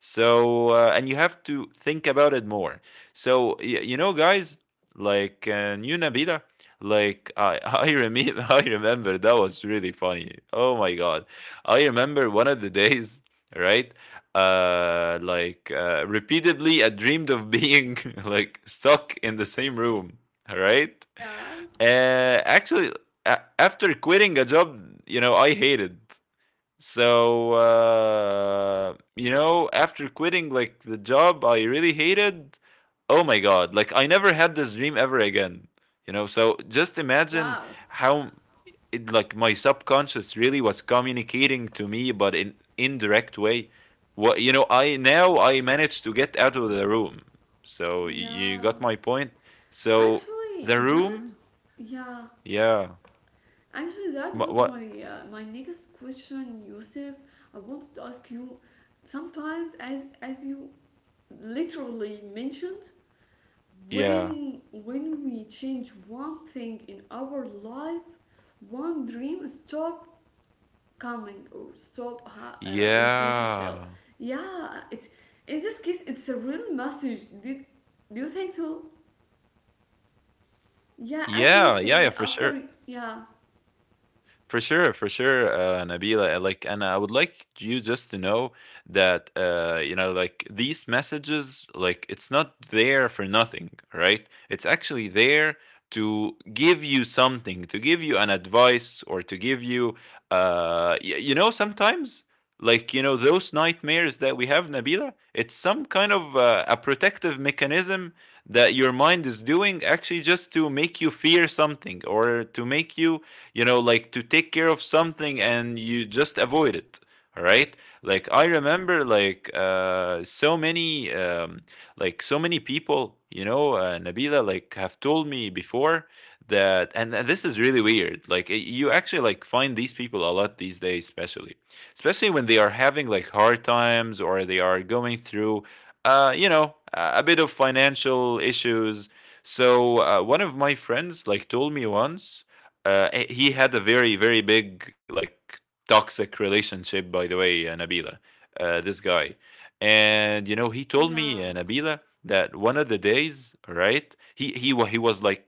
[SPEAKER 2] So and you have to think about it more. So you know, guys, like you, Nabila, like I remember, I remember that was really funny. Oh my god, I remember one of the days, right? Repeatedly I dreamed of being like stuck in the same room, right?
[SPEAKER 1] Yeah.
[SPEAKER 2] Actually after quitting a job I hated. So, after quitting like the job I really hated, oh my God, like I never had this dream ever again. You know, so just imagine
[SPEAKER 1] Wow.
[SPEAKER 2] how it, like my subconscious really was communicating to me, but in indirect way. What you know, I managed to get out of the room. So you
[SPEAKER 1] Yeah.
[SPEAKER 2] got my point. So
[SPEAKER 1] Actually,
[SPEAKER 2] the
[SPEAKER 1] that
[SPEAKER 2] room,
[SPEAKER 1] yeah.
[SPEAKER 2] yeah.
[SPEAKER 1] Actually, that was
[SPEAKER 2] What? What?
[SPEAKER 1] my my next question, Yusuf. I wanted to ask you. Sometimes, as you literally mentioned,
[SPEAKER 2] Yeah.
[SPEAKER 1] when we change one thing in our life, one dream stop coming or repeat itself.
[SPEAKER 2] Yeah.
[SPEAKER 1] Yeah. It's, in this case, it's a real message. Did Do you think so? Yeah, as you
[SPEAKER 2] Yeah, yeah, yeah,
[SPEAKER 1] said,
[SPEAKER 2] for sure.
[SPEAKER 1] after, yeah,
[SPEAKER 2] For sure, for sure, Nabila. Like, and I would like you just to know that, you know, like these messages, like it's not there for nothing, right? It's actually there to give you something, to give you an advice, or to give you, you know, sometimes, like you know, those nightmares that we have, Nabila. It's some kind of a protective mechanism that your mind is doing, actually, just to make you fear something or to make you, you know, like to take care of something and you just avoid it, all right? Like I remember, like so many, like so many people, you know, Nabila, like have told me before that. And this is really weird, like you actually like find these people a lot these days, especially especially when they are having like hard times or they are going through you know a bit of financial issues. So one of my friends like told me once, he had a very very big like toxic relationship, by the way, Nabila, this guy. And you know he told me,
[SPEAKER 1] yeah.
[SPEAKER 2] Nabila, that one of the days, right, he was like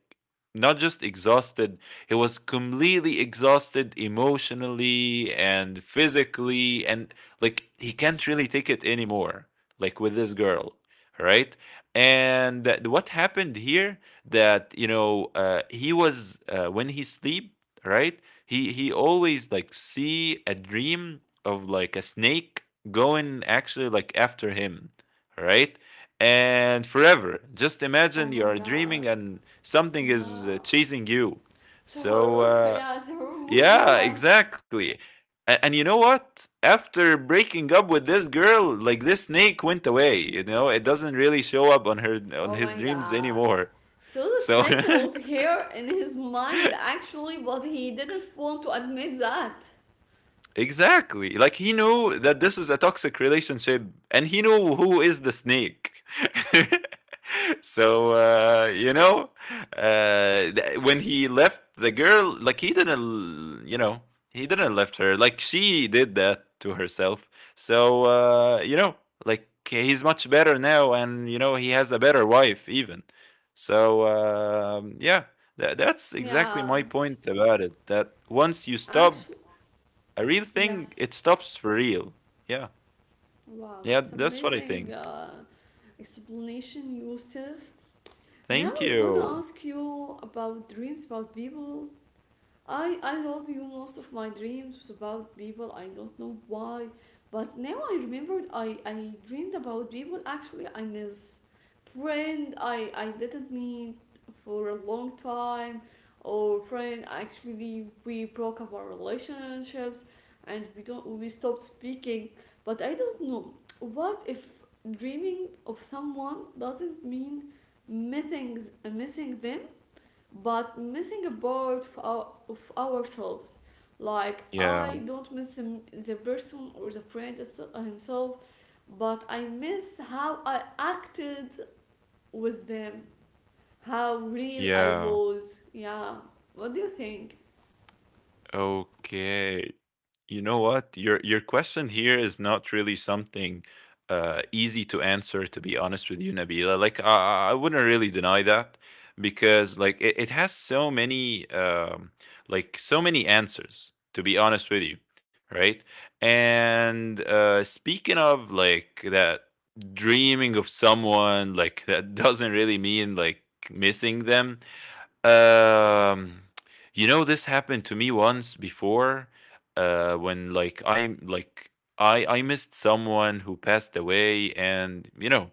[SPEAKER 2] not just exhausted, he was completely exhausted emotionally and physically, and like he can't really take it anymore, like with this girl, right? And what happened here that you know he was when he sleep, right, he always like see a dream of like a snake going actually like after him, right? And forever, just
[SPEAKER 1] Oh
[SPEAKER 2] imagine you
[SPEAKER 1] my
[SPEAKER 2] are
[SPEAKER 1] god,
[SPEAKER 2] dreaming and something is
[SPEAKER 1] yeah.
[SPEAKER 2] chasing you.
[SPEAKER 1] It's
[SPEAKER 2] So
[SPEAKER 1] horror. Yeah, it's a horror movie,
[SPEAKER 2] yeah,
[SPEAKER 1] guys.
[SPEAKER 2] exactly. And you know what, after breaking up with this girl, like this snake went away, you know, it doesn't really show up on her on
[SPEAKER 1] Oh
[SPEAKER 2] his
[SPEAKER 1] my
[SPEAKER 2] dreams
[SPEAKER 1] god.
[SPEAKER 2] anymore.
[SPEAKER 1] So the
[SPEAKER 2] So
[SPEAKER 1] snake was here in his mind actually, but he didn't want to admit that.
[SPEAKER 2] exactly, like he knew that this is a toxic relationship, and he knew who is the snake. So you know, when he left the girl, like he didn't, you know, he didn't left her. Like she did that to herself. So you know, like he's much better now, and you know he has a better wife even. So yeah, that's exactly my
[SPEAKER 1] Yeah,
[SPEAKER 2] point about it. That once you
[SPEAKER 1] actually,
[SPEAKER 2] stop. A real thing,
[SPEAKER 1] yes.
[SPEAKER 2] it stops for real. Yeah.
[SPEAKER 1] Wow,
[SPEAKER 2] Yeah,
[SPEAKER 1] it's
[SPEAKER 2] that's what I
[SPEAKER 1] amazing
[SPEAKER 2] think.
[SPEAKER 1] explanation, Yusuf. Now
[SPEAKER 2] Thank
[SPEAKER 1] I wanna
[SPEAKER 2] you.
[SPEAKER 1] ask you about dreams about people. I told you most of my dreams was about people. I don't know why, but now I remembered. I dreamed about people. Actually, I miss friend. I didn't meet for a long time, or friend. Actually, we broke up our relationships, and we don't we stopped speaking. But I don't know what if dreaming of someone doesn't mean missing them, but missing a part of, our, of ourselves. Like
[SPEAKER 2] Yeah.
[SPEAKER 1] I don't miss the person or the friend himself, but I miss how I acted with them, how real I
[SPEAKER 2] Yeah.
[SPEAKER 1] was. Yeah. What do you think?
[SPEAKER 2] Okay. You know what? Your question here is not really something easy to answer, to be honest with you, Nabila. Like I wouldn't really deny that, because it has so many, like so many answers, to be honest with you, right? And speaking of like that, dreaming of someone, like that doesn't really mean like missing them. Um, you know, this happened to me once before, when I missed someone who passed away, and you know,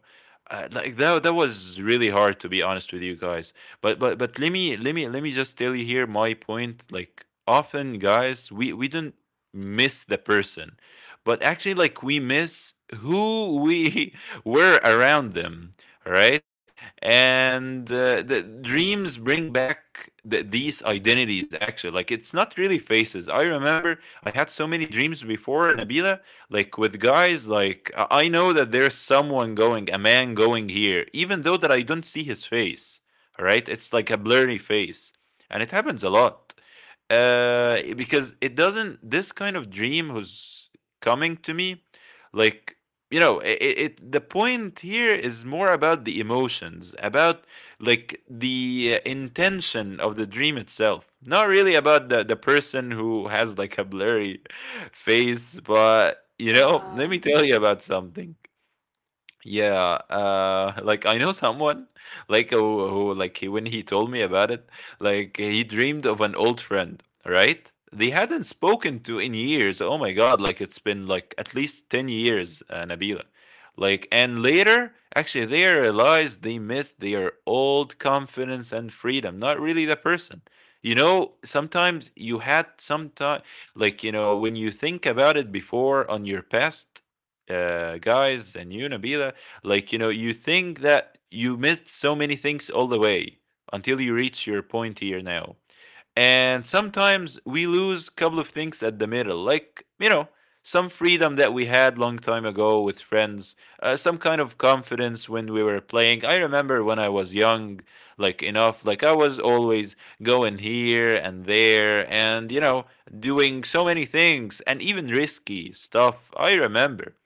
[SPEAKER 2] like that that was really hard, to be honest with you guys. But let me just tell you here my point. Like often, guys, we don't miss the person, but actually, like we miss who we were around them. Right? and The dreams bring back these identities, actually. Like it's not really faces. I remember I had so many dreams before, Nabila, like with guys, like I know that there's someone going, a man going here, even though that I don't see his face, all right? It's like a blurry face. And it happens a lot, uh because it doesn't, this kind of dream who's coming to me, like you know, it, the point here is more about the emotions, about like the intention of the dream itself, not really about the person who has like a blurry face. But you know,
[SPEAKER 1] Yeah.
[SPEAKER 2] let me tell you about something. Yeah, like I know someone, like when he told me about it, like he dreamed of an old friend, right? They hadn't spoken to in years. Oh my God, like it's been like at least 10 years, Nabila. Like, and later, actually, they realized they missed their old confidence and freedom, not really the person. You know, sometimes you had sometime, like, you know, when you think about it before on your past, guys, and you, Nabila, like, you know, you think that you missed so many things all the way until you reach your point here now. And sometimes we lose a couple of things at the middle, like, you know, some freedom that we had long time ago with friends, some kind of confidence when we were playing. I remember when I was young, like enough, like I was always going here and there and, you know, doing so many things and even risky stuff. I remember.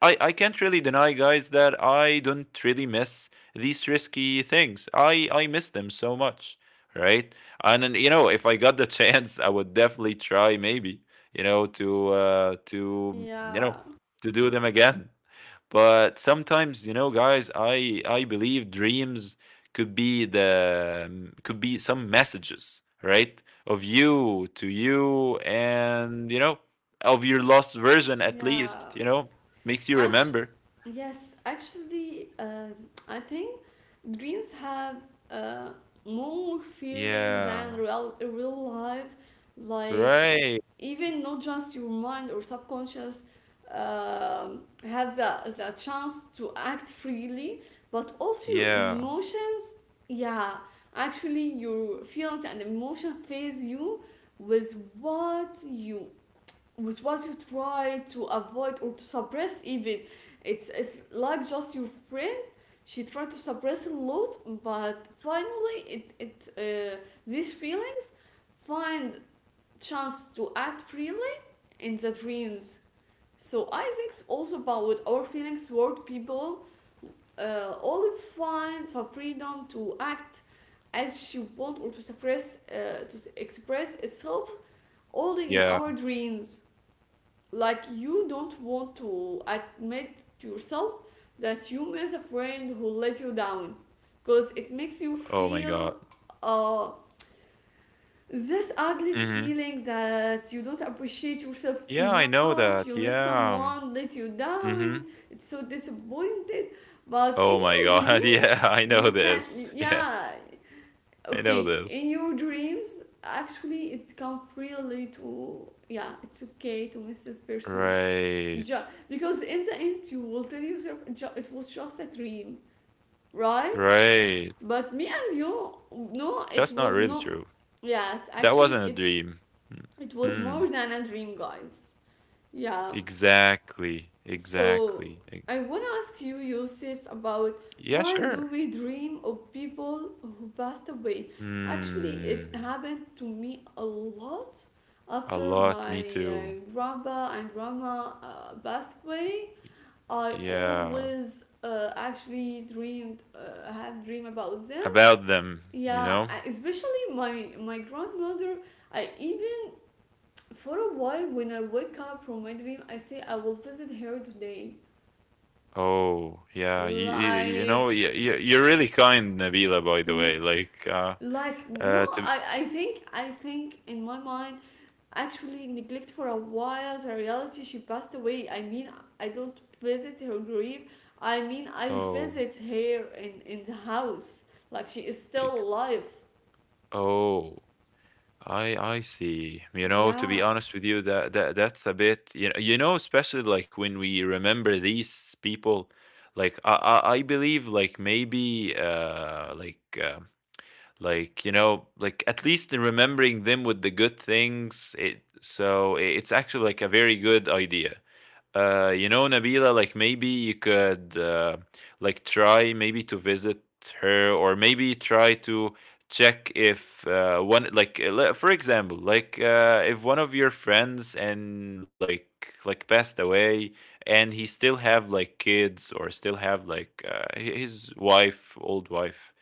[SPEAKER 2] I can't really deny, guys, that I don't really miss these risky things. I miss them so much, right? And then, you know, if I got the chance, I would definitely try, maybe, you know, to, you know,
[SPEAKER 1] Yeah.
[SPEAKER 2] to do them again. But sometimes, you know, guys, I believe dreams could be the, could be some messages, right? Of you to you, and, you know, of your lost version, at least,
[SPEAKER 1] Yeah.
[SPEAKER 2] you know, makes you
[SPEAKER 1] Actually,
[SPEAKER 2] remember.
[SPEAKER 1] yes. Actually, I think dreams have, uh, more feelings than
[SPEAKER 2] Yeah.
[SPEAKER 1] real life, like,
[SPEAKER 2] Right.
[SPEAKER 1] even not just your mind or subconscious, have the chance to act freely, but also your
[SPEAKER 2] Yeah.
[SPEAKER 1] emotions. Yeah, actually, your feelings and emotion phase you with what you, with what you try to avoid or to suppress even. It's like just your friend, she tried to suppress a lot, but finally it, it these feelings find chance to act freely in the dreams. So I think it's also about what our feelings toward people. Olive finds her freedom to act as she wants or to suppress, to express itself only in
[SPEAKER 2] Yeah.
[SPEAKER 1] our dreams. Like you don't want to admit to yourself that you miss a friend who let you down, because it makes you
[SPEAKER 2] Oh my god.
[SPEAKER 1] feel uh, this ugly
[SPEAKER 2] Mhm.
[SPEAKER 1] feeling that you don't appreciate yourself
[SPEAKER 2] Yeah, I know
[SPEAKER 1] enough, you
[SPEAKER 2] that.
[SPEAKER 1] miss
[SPEAKER 2] Yeah.
[SPEAKER 1] someone, let you
[SPEAKER 2] Mhm.
[SPEAKER 1] down, it's so disappointed. But
[SPEAKER 2] Oh
[SPEAKER 1] in
[SPEAKER 2] my
[SPEAKER 1] your
[SPEAKER 2] god.
[SPEAKER 1] dreams,
[SPEAKER 2] Yeah, I know
[SPEAKER 1] you can,
[SPEAKER 2] this. Yeah.
[SPEAKER 1] yeah,
[SPEAKER 2] I know
[SPEAKER 1] okay,
[SPEAKER 2] this.
[SPEAKER 1] in your dreams, actually, it becomes really to, yeah, it's okay to miss this person.
[SPEAKER 2] Right.
[SPEAKER 1] Because in the end, you will tell yourself it was just a dream, right?
[SPEAKER 2] Right.
[SPEAKER 1] But me and you, no, it
[SPEAKER 2] That's not
[SPEAKER 1] was
[SPEAKER 2] really
[SPEAKER 1] not.
[SPEAKER 2] true.
[SPEAKER 1] Yes,
[SPEAKER 2] That
[SPEAKER 1] actually,
[SPEAKER 2] wasn't a
[SPEAKER 1] it
[SPEAKER 2] dream. Mm,
[SPEAKER 1] it was more
[SPEAKER 2] mm,
[SPEAKER 1] than a dream, guys. Yeah.
[SPEAKER 2] exactly. Exactly.
[SPEAKER 1] So
[SPEAKER 2] E-
[SPEAKER 1] I want to ask you, Yusuf, about
[SPEAKER 2] Yeah,
[SPEAKER 1] why
[SPEAKER 2] sure.
[SPEAKER 1] do we dream of people who passed away? Actually, it
[SPEAKER 2] Mm,
[SPEAKER 1] happened to me a lot
[SPEAKER 2] a
[SPEAKER 1] after
[SPEAKER 2] lot.
[SPEAKER 1] my
[SPEAKER 2] Me too.
[SPEAKER 1] grandpa and grandma passed away. I
[SPEAKER 2] Yeah.
[SPEAKER 1] always actually had dream about them.
[SPEAKER 2] About them, you
[SPEAKER 1] Yeah,
[SPEAKER 2] know?
[SPEAKER 1] I- especially my grandmother. I even for a while, when I wake up from my dream, I say I will visit her today.
[SPEAKER 2] Oh, yeah.
[SPEAKER 1] Like,
[SPEAKER 2] You're really kind, Nabila, by the way. Like,
[SPEAKER 1] like
[SPEAKER 2] uh,
[SPEAKER 1] no,
[SPEAKER 2] to,
[SPEAKER 1] I think in my mind, actually neglect for a while the reality she passed away. I mean, I don't visit her grave. I mean, I
[SPEAKER 2] oh,
[SPEAKER 1] visit her in the house. Like she is still
[SPEAKER 2] ex-
[SPEAKER 1] alive.
[SPEAKER 2] oh. I see. To be
[SPEAKER 1] Yeah,
[SPEAKER 2] honest with you, that's a bit, especially like when we remember these people, like I believe, like maybe like like, at least in remembering them with the good things, it, so it's actually like a very good idea. You know, Nabila, like maybe you could, like try maybe to visit her, or maybe try to check if, one, like le- for example like if one of your friends, and like passed away, and he still have like kids, or still have like, his wife, old wife,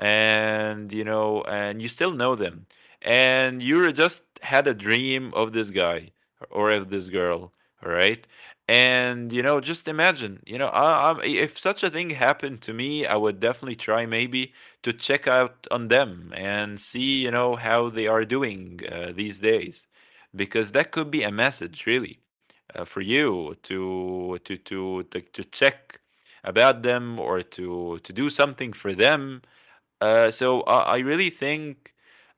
[SPEAKER 2] and you know, and you still know them, and you were just had a dream of this guy or of this girl, all right? And you know, just imagine, you know, if such a thing happened to me, I would definitely try maybe to check out on them and see, you know, how they are doing, these days, because that could be a message really, for you to, check about them, or to do something for them. So I really think,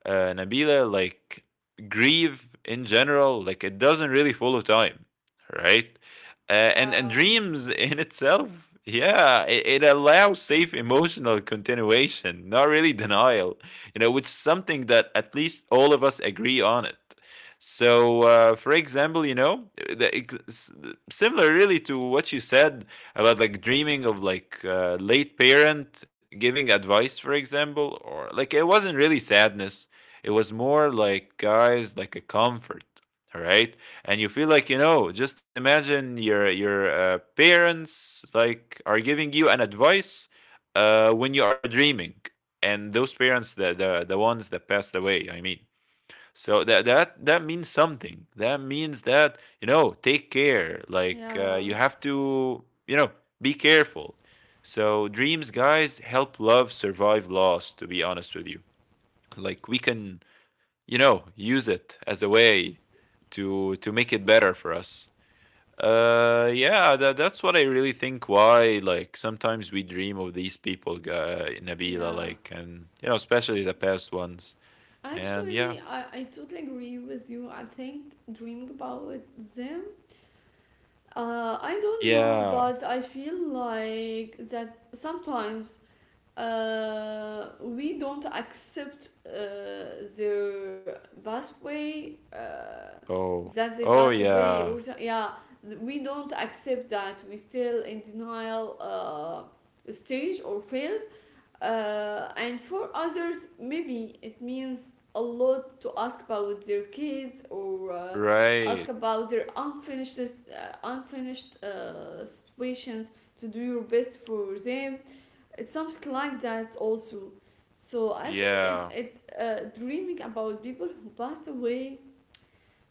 [SPEAKER 2] Nabila, like grief in general, like it doesn't really follow time, right? And
[SPEAKER 1] yeah,
[SPEAKER 2] dreams in itself, yeah, it allows safe emotional continuation, not really denial, you know, which is something that at least all of us agree on it. So, for example, you know, the, ex- similar really to what you said about like dreaming of, like, late parent giving advice, for example, or like it wasn't really sadness. It was more like, guys, like a comfort, all right? And you feel like, you know, just imagine your parents, like, are giving you an advice when you are dreaming, and those parents, the ones that passed away, I mean. So that means something. That means that, you know, take care. Like,
[SPEAKER 1] yeah,
[SPEAKER 2] you have to, you know, be careful. So dreams, guys, help love survive loss. To be honest with you, like we can, you know, use it as a way to make it better for us. Yeah, that's what I really think. Why, like, sometimes we dream of these people, Nabila,
[SPEAKER 1] yeah.
[SPEAKER 2] like, and you know, especially the past ones. And
[SPEAKER 1] Actually,
[SPEAKER 2] yeah,
[SPEAKER 1] I totally agree with you. I think dreaming about them, I don't know,
[SPEAKER 2] yeah.
[SPEAKER 1] but I feel like that sometimes we don't accept their pathway,
[SPEAKER 2] Oh.
[SPEAKER 1] that they
[SPEAKER 2] Oh,
[SPEAKER 1] passed away,
[SPEAKER 2] yeah.
[SPEAKER 1] or yeah, we don't accept that. We still in denial stage or phase, and for others, maybe it means a lot to ask about their kids or ask
[SPEAKER 2] Right.
[SPEAKER 1] about their unfinished unfinished situations to do your best for them. It's something like that also. So I think
[SPEAKER 2] Yeah.
[SPEAKER 1] it dreaming about people who passed away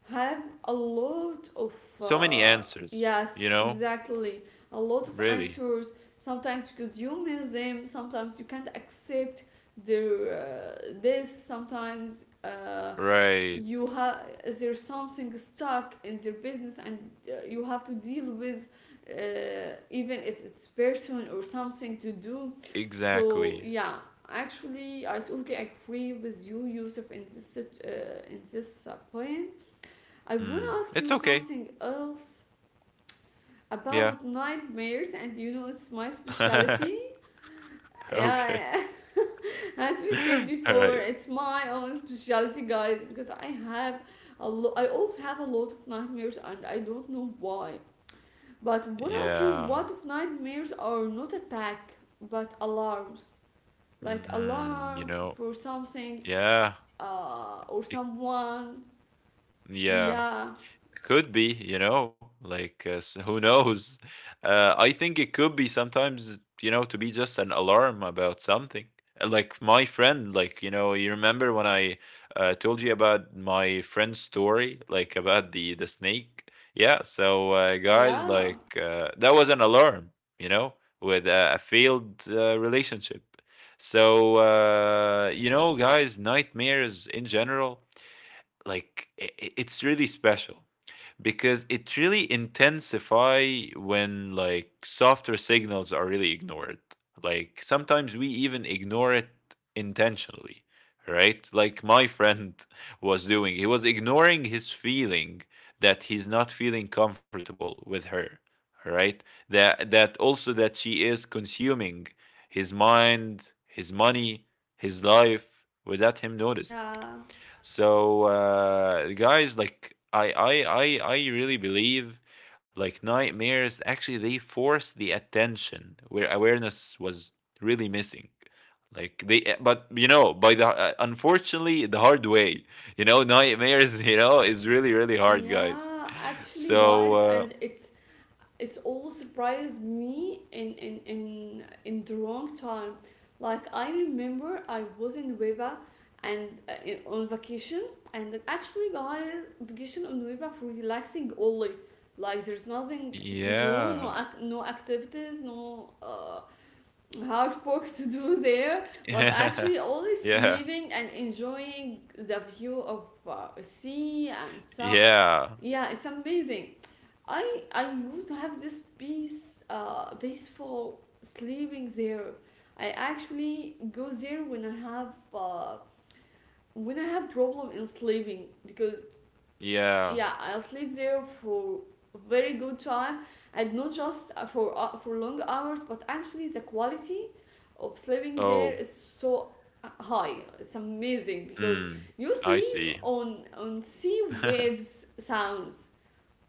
[SPEAKER 1] have a lot of
[SPEAKER 2] So many
[SPEAKER 1] uh,
[SPEAKER 2] answers, you
[SPEAKER 1] yes,
[SPEAKER 2] know?
[SPEAKER 1] exactly, a lot of
[SPEAKER 2] Really.
[SPEAKER 1] answers, sometimes because you miss them, sometimes you can't accept their this, sometimes
[SPEAKER 2] Right.
[SPEAKER 1] you have there's something stuck in their business and you have to deal with even if it's person or something to do. So
[SPEAKER 2] Exactly.
[SPEAKER 1] yeah, actually I totally agree with you, Yusuf, in this in this point. I want to
[SPEAKER 2] Mm.
[SPEAKER 1] ask you
[SPEAKER 2] It's okay.
[SPEAKER 1] something else
[SPEAKER 2] Yeah.
[SPEAKER 1] about nightmares, and you know, it's my specialty.
[SPEAKER 2] Okay.
[SPEAKER 1] Yeah, as we said
[SPEAKER 2] All
[SPEAKER 1] before,
[SPEAKER 2] right.
[SPEAKER 1] it's my own specialty, guys, because I have a lot, I always have a lot of nightmares, and I don't know why. But I want to ask you,
[SPEAKER 2] Yeah.
[SPEAKER 1] what if nightmares are not attack but alarms? Like
[SPEAKER 2] Mm, you
[SPEAKER 1] alarm
[SPEAKER 2] know?
[SPEAKER 1] for something
[SPEAKER 2] Yeah.
[SPEAKER 1] or
[SPEAKER 2] It,
[SPEAKER 1] someone.
[SPEAKER 2] yeah,
[SPEAKER 1] Yeah,
[SPEAKER 2] could be, you know, like, who knows. I think it could be sometimes, you know, to be just an alarm about something. Like my friend, like, you know, you remember when I, told you about my friend's story, like about the snake. Yeah, so, guys,
[SPEAKER 1] yeah,
[SPEAKER 2] like, that was an alarm, you know, with a failed, relationship. So, you know, guys, nightmares in general, like it's really special, because it really intensify when, like, softer signals are really ignored. Like sometimes we even ignore it intentionally, right? Like my friend was doing, he was ignoring his feeling that he's not feeling comfortable with her, right? That also, that she is consuming his mind, his money, his life without him noticing.
[SPEAKER 1] yeah.
[SPEAKER 2] So, guys, like I really believe, like nightmares actually they force the attention where awareness was really missing. Like but you know, by the, unfortunately the hard way, you know, nightmares, you know, is really really hard, guys.
[SPEAKER 1] Yeah, actually,
[SPEAKER 2] So,
[SPEAKER 1] guys, and it's all surprised me in in the wrong time. Like I remember, I was in Nueva and on vacation, and then actually, guys, vacation on Nueva for relaxing only. Like there's nothing to do,
[SPEAKER 2] yeah.
[SPEAKER 1] no activities, no hard work to do there. But
[SPEAKER 2] Yeah,
[SPEAKER 1] actually, only
[SPEAKER 2] yeah,
[SPEAKER 1] sleeping and enjoying the view of sea and sun.
[SPEAKER 2] yeah.
[SPEAKER 1] Yeah, it's amazing. I used to have this peaceful sleeping there. I actually go there when I have problem in sleeping, because
[SPEAKER 2] Yeah.
[SPEAKER 1] yeah, I'll sleep there for very good time, and not just for long hours, but actually the quality of sleeping there
[SPEAKER 2] Oh,
[SPEAKER 1] is so high. It's amazing because
[SPEAKER 2] mm,
[SPEAKER 1] you
[SPEAKER 2] I
[SPEAKER 1] sleep
[SPEAKER 2] see.
[SPEAKER 1] on sea waves sounds,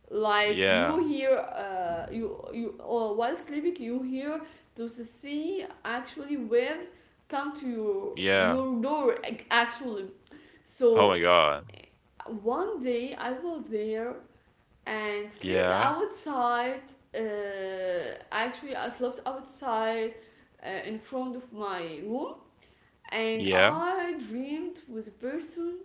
[SPEAKER 1] like
[SPEAKER 2] Yeah,
[SPEAKER 1] you hear you or while sleeping you hear to see actually waves come to
[SPEAKER 2] yeah.
[SPEAKER 1] your door actually.
[SPEAKER 2] Oh my
[SPEAKER 1] So
[SPEAKER 2] god.
[SPEAKER 1] one day I was there and sleeping
[SPEAKER 2] Yeah.
[SPEAKER 1] outside, actually I slept outside, in front of my room, and
[SPEAKER 2] Yeah.
[SPEAKER 1] I dreamed with a person.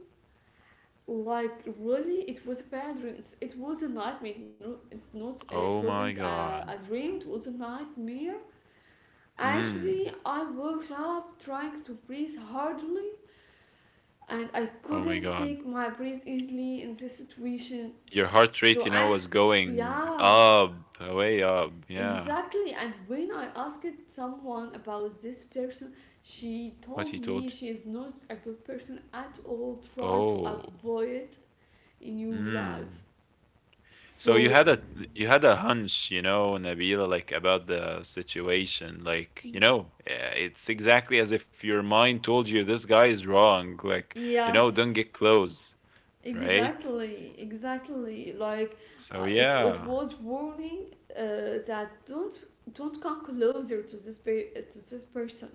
[SPEAKER 1] Like really it was a bad dream, it was a nightmare. No, it not
[SPEAKER 2] Oh
[SPEAKER 1] it
[SPEAKER 2] my
[SPEAKER 1] wasn't
[SPEAKER 2] god.
[SPEAKER 1] a dream, it was a nightmare.
[SPEAKER 2] Mm.
[SPEAKER 1] Actually I woke up trying to breathe hardly, and I
[SPEAKER 2] Oh my
[SPEAKER 1] couldn't
[SPEAKER 2] god.
[SPEAKER 1] take my breath easily in this situation.
[SPEAKER 2] Your heart rate,
[SPEAKER 1] So
[SPEAKER 2] you know,
[SPEAKER 1] I
[SPEAKER 2] was going
[SPEAKER 1] yeah
[SPEAKER 2] up, way up. Yeah.
[SPEAKER 1] exactly, and when I asked someone about this person, she
[SPEAKER 2] What he
[SPEAKER 1] told me
[SPEAKER 2] told
[SPEAKER 1] she is not a good person at all,
[SPEAKER 2] you.
[SPEAKER 1] try to
[SPEAKER 2] Oh.
[SPEAKER 1] avoid in your life.
[SPEAKER 2] Mm. So you
[SPEAKER 1] So
[SPEAKER 2] had a you had a hunch, you know, Nabila, like about the situation. Like, you know, it's exactly as if your mind told you this guy is wrong. Like, you know, don't
[SPEAKER 1] yes,
[SPEAKER 2] get close, right?
[SPEAKER 1] exactly, exactly. Like
[SPEAKER 2] So
[SPEAKER 1] it, it
[SPEAKER 2] yeah,
[SPEAKER 1] was warning that don't come closer to this to this person.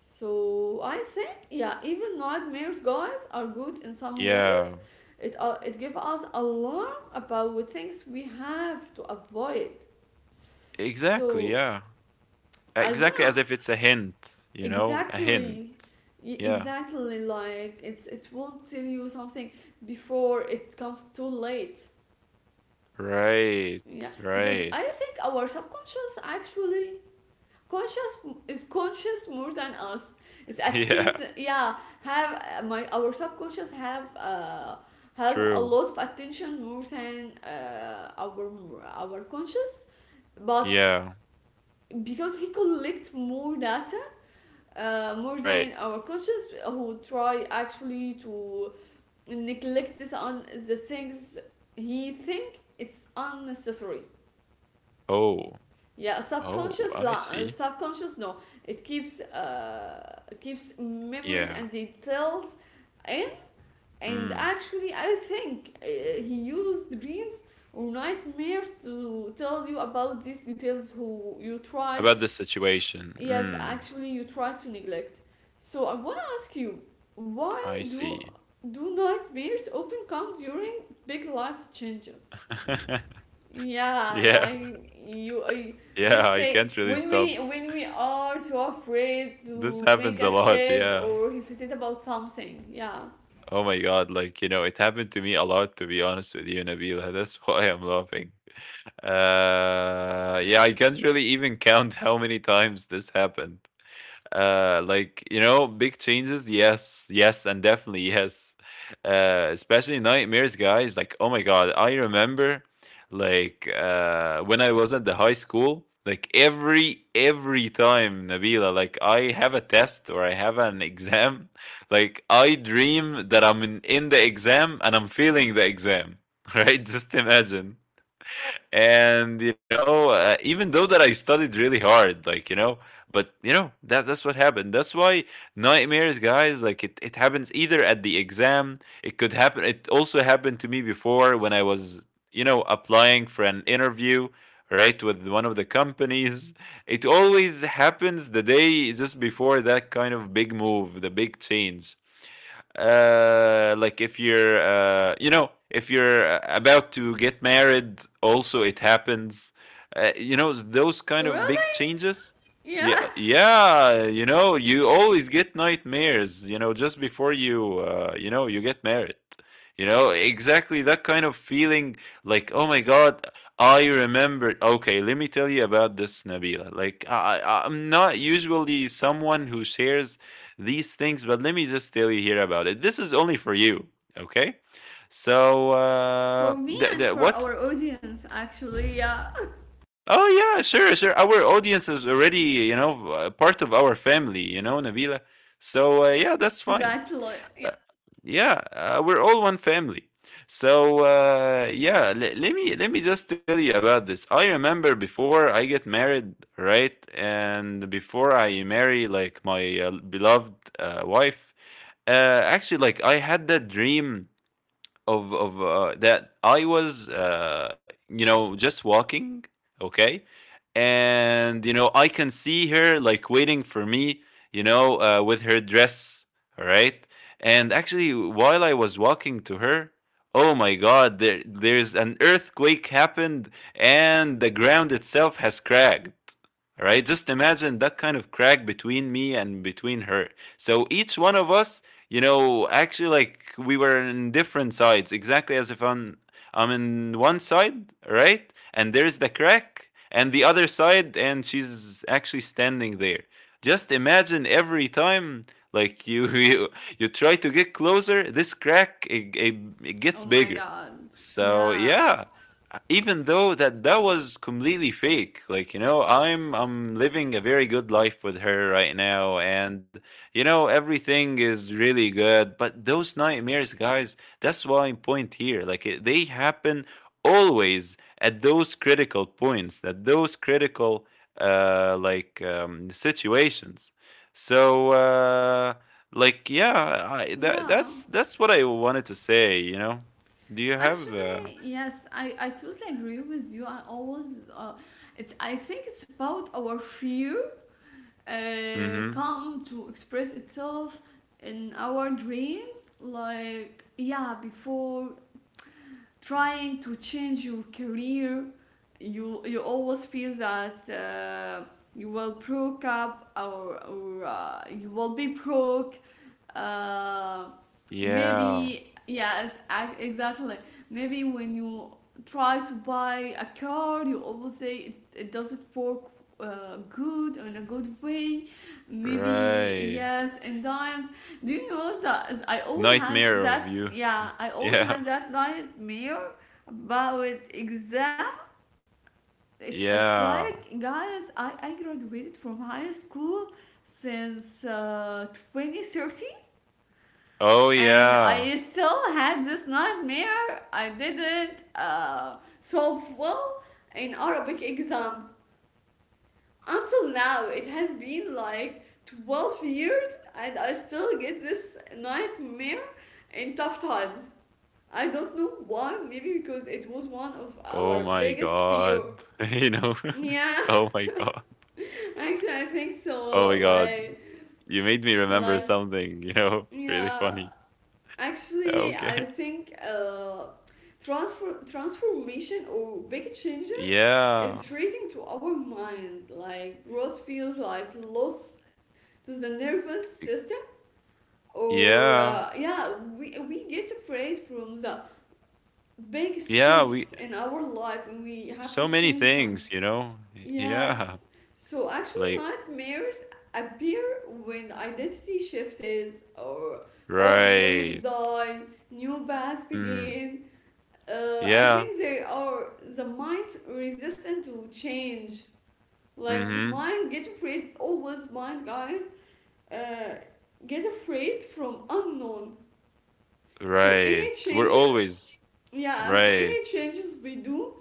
[SPEAKER 1] So I think yeah, even nightmares, guys, are good in some ways.
[SPEAKER 2] yeah,
[SPEAKER 1] It it gives us alarm about what things we have to avoid.
[SPEAKER 2] exactly,
[SPEAKER 1] So
[SPEAKER 2] yeah.
[SPEAKER 1] I
[SPEAKER 2] Exactly as
[SPEAKER 1] wanna
[SPEAKER 2] if it's a hint, you know, a hint.
[SPEAKER 1] exactly,
[SPEAKER 2] Yeah.
[SPEAKER 1] exactly like it won't tell you something before it becomes too late.
[SPEAKER 2] Right,
[SPEAKER 1] Yeah, because
[SPEAKER 2] right.
[SPEAKER 1] I think our subconscious actually conscious is conscious more than us. It's
[SPEAKER 2] Yeah,
[SPEAKER 1] attent. Yeah, have my our subconscious have has a
[SPEAKER 2] true.
[SPEAKER 1] lot of attention more than our conscious, but
[SPEAKER 2] Yeah,
[SPEAKER 1] because he collects more data more
[SPEAKER 2] right.
[SPEAKER 1] than our conscious who try actually to neglect this on the things he think it's unnecessary.
[SPEAKER 2] Oh,
[SPEAKER 1] Yeah,
[SPEAKER 2] oh,
[SPEAKER 1] subconscious
[SPEAKER 2] I see.
[SPEAKER 1] subconscious no, it keeps keeps memories
[SPEAKER 2] Yeah.
[SPEAKER 1] and details in, and
[SPEAKER 2] Mm.
[SPEAKER 1] actually I think he used dreams or nightmares to tell you about these details who you tried.
[SPEAKER 2] About the situation.
[SPEAKER 1] Yes,
[SPEAKER 2] Mm,
[SPEAKER 1] actually you tried to neglect. So I want to ask you, why
[SPEAKER 2] I
[SPEAKER 1] do
[SPEAKER 2] see.
[SPEAKER 1] do nightmares often come during big life changes? Yeah,
[SPEAKER 2] Yeah,
[SPEAKER 1] like you,
[SPEAKER 2] yeah,
[SPEAKER 1] let's
[SPEAKER 2] I can't
[SPEAKER 1] say
[SPEAKER 2] really stop.
[SPEAKER 1] when we are so afraid
[SPEAKER 2] This
[SPEAKER 1] to make
[SPEAKER 2] happens
[SPEAKER 1] a
[SPEAKER 2] a lot,
[SPEAKER 1] step
[SPEAKER 2] yeah.
[SPEAKER 1] or hesitate about something. Yeah.
[SPEAKER 2] Oh my God, like, you know, it happened to me a lot, to be honest with you, Nabila. That's why I'm laughing. Yeah, I can't really even count how many times this happened. Like, you know, big changes, yes, yes, and definitely yes. Especially nightmares, guys. Like, oh my god, I remember, like, when I was at the high school, like every time, Nabila, like I have a test or I have an exam, like I dream that I'm in the exam and I'm feeling the exam, right? Just imagine. And you know, even though that I studied really hard, like you know, but you know that that's what happened. That's why nightmares, guys, like it happens, either at the exam it could happen, it also happened to me before when I was, you know, applying for an interview, right, with one of the companies. It always happens the day just before that kind of big move, the big change. Like, if you're, you know, if you're, about to get married, also it happens. You know, those kind of big
[SPEAKER 1] Really?
[SPEAKER 2] changes.
[SPEAKER 1] Yeah.
[SPEAKER 2] Yeah, yeah, you know, you always get nightmares, you know, just before you, you know, you get married, you know, exactly that kind of feeling. Like, oh my god, I remembered. Okay, let me tell you about this, Nabila. Like I'm not usually someone who shares these things, but let me just tell you here about it. This is only for you, okay? So,
[SPEAKER 1] For me and for
[SPEAKER 2] what?
[SPEAKER 1] our audience, actually. Yeah.
[SPEAKER 2] Oh, yeah, sure, sure. Our audience is already, you know, part of our family, you know, Nabila. So, yeah, that's fine.
[SPEAKER 1] Exactly. Yeah.
[SPEAKER 2] Yeah, we're all one family. So, yeah, let me just tell you about this. I remember before I get married, right? And before I marry, like, my, beloved, wife. Actually, like, I had that dream of that I was, you know, just walking, okay? And you know, I can see her like waiting for me, you know, with her dress, all right. And actually, while I was walking to her, oh my God, there's an earthquake happened, and the ground itself has cracked. All right, just imagine that kind of crack between me and between her. So each one of us, you know, actually, like we were in different sides, exactly as if I'm in one side, right? And there's the crack and the other side, and she's actually standing there. Just imagine every time, like you try to get closer, this crack, it
[SPEAKER 1] Oh
[SPEAKER 2] gets
[SPEAKER 1] my
[SPEAKER 2] bigger.
[SPEAKER 1] god.
[SPEAKER 2] So
[SPEAKER 1] Yeah.
[SPEAKER 2] yeah, even though that that was completely fake, like you know, I'm living a very good life with her right now, and you know, everything is really good. But those nightmares, guys, that's why I point here. Like, they happen always at those critical points, at those critical, like, situations. So, like, yeah, I, that,
[SPEAKER 1] Yeah.
[SPEAKER 2] that's what I wanted to say. You know, do you have?
[SPEAKER 1] Actually, yes, I totally agree with you. I always it's I think it's about our fear
[SPEAKER 2] Mm-hmm.
[SPEAKER 1] come to express itself in our dreams. Like, yeah, before trying to change your career, you always feel that you will broke up, or you will be broke uh,
[SPEAKER 2] Yeah,
[SPEAKER 1] Maybe yes, exactly. Maybe when you try to buy a car, you always say it, it doesn't work good in a good way. Maybe
[SPEAKER 2] right.
[SPEAKER 1] yes, and times, do you know that I always had
[SPEAKER 2] Nightmare of
[SPEAKER 1] that,
[SPEAKER 2] you.
[SPEAKER 1] yeah, I always
[SPEAKER 2] Yeah.
[SPEAKER 1] had that nightmare about exam. It's
[SPEAKER 2] Yeah.
[SPEAKER 1] like, guys, I graduated from high school since 2013,
[SPEAKER 2] Oh,
[SPEAKER 1] and
[SPEAKER 2] yeah.
[SPEAKER 1] I still had this nightmare. I didn't solve well in Arabic exam. Until now, it has been like 12 years and I still get this nightmare in tough times. I don't know why, maybe because it was one of
[SPEAKER 2] Oh
[SPEAKER 1] our
[SPEAKER 2] my
[SPEAKER 1] biggest fear.
[SPEAKER 2] god. You know?
[SPEAKER 1] Yeah,
[SPEAKER 2] Oh my god.
[SPEAKER 1] actually I think
[SPEAKER 2] Oh
[SPEAKER 1] so.
[SPEAKER 2] my god. You made me remember
[SPEAKER 1] Like,
[SPEAKER 2] something, you know? Really
[SPEAKER 1] yeah,
[SPEAKER 2] funny.
[SPEAKER 1] actually, I
[SPEAKER 2] Okay.
[SPEAKER 1] think transfer transformation or big changes
[SPEAKER 2] Yeah.
[SPEAKER 1] is reading to our mind. Like, growth feels like loss to the nervous
[SPEAKER 2] Y-
[SPEAKER 1] system, or
[SPEAKER 2] Yeah.
[SPEAKER 1] yeah, we get afraid from the big
[SPEAKER 2] Yeah, we
[SPEAKER 1] steps in our life when we have
[SPEAKER 2] so
[SPEAKER 1] to
[SPEAKER 2] many
[SPEAKER 1] change
[SPEAKER 2] things,
[SPEAKER 1] something.
[SPEAKER 2] you know?
[SPEAKER 1] Yes.
[SPEAKER 2] Yeah.
[SPEAKER 1] So actually,
[SPEAKER 2] Like,
[SPEAKER 1] nightmares appear when identity shift is, or old beliefs
[SPEAKER 2] right.
[SPEAKER 1] die, new paths
[SPEAKER 2] Mhm.
[SPEAKER 1] begin. I
[SPEAKER 2] Yeah.
[SPEAKER 1] think they are the mind resistant to change. Like, the
[SPEAKER 2] Mhm.
[SPEAKER 1] mind get afraid, always mind, guys, uh, get afraid from unknown. So
[SPEAKER 2] Right.
[SPEAKER 1] any
[SPEAKER 2] We're
[SPEAKER 1] changes,
[SPEAKER 2] always
[SPEAKER 1] yeah, so
[SPEAKER 2] right
[SPEAKER 1] any changes we do,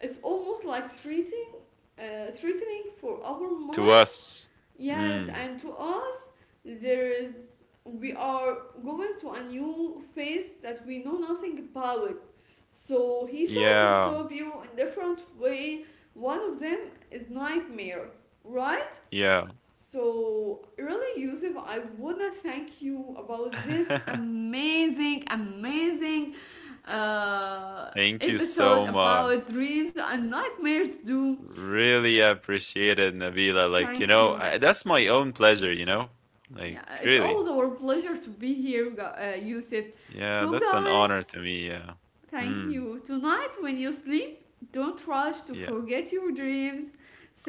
[SPEAKER 1] it's almost like threatening, threatening for our
[SPEAKER 2] to
[SPEAKER 1] mind.
[SPEAKER 2] us.
[SPEAKER 1] Yes,
[SPEAKER 2] Mm.
[SPEAKER 1] and to us, there is, we are going to a new phase that we know nothing about. So he tried to
[SPEAKER 2] Yeah.
[SPEAKER 1] stop you in different way. One of them is nightmare, right?
[SPEAKER 2] Yeah.
[SPEAKER 1] So really, Yusuf, I wanna thank you about this amazing, amazing uh,
[SPEAKER 2] Thank you so
[SPEAKER 1] episode
[SPEAKER 2] much.
[SPEAKER 1] about dreams and nightmares. Do
[SPEAKER 2] Really appreciate it, Nabila. Like, you
[SPEAKER 1] thank
[SPEAKER 2] know,
[SPEAKER 1] you.
[SPEAKER 2] that's my own pleasure, you know?
[SPEAKER 1] Yeah,
[SPEAKER 2] Like,
[SPEAKER 1] it's always
[SPEAKER 2] really.
[SPEAKER 1] our pleasure to be here, Yusuf.
[SPEAKER 2] Yeah,
[SPEAKER 1] So,
[SPEAKER 2] that's an honor
[SPEAKER 1] guys,
[SPEAKER 2] to me. Yeah.
[SPEAKER 1] thank
[SPEAKER 2] Hmm.
[SPEAKER 1] you. Tonight, when you sleep, don't rush to
[SPEAKER 2] Yeah.
[SPEAKER 1] forget your dreams.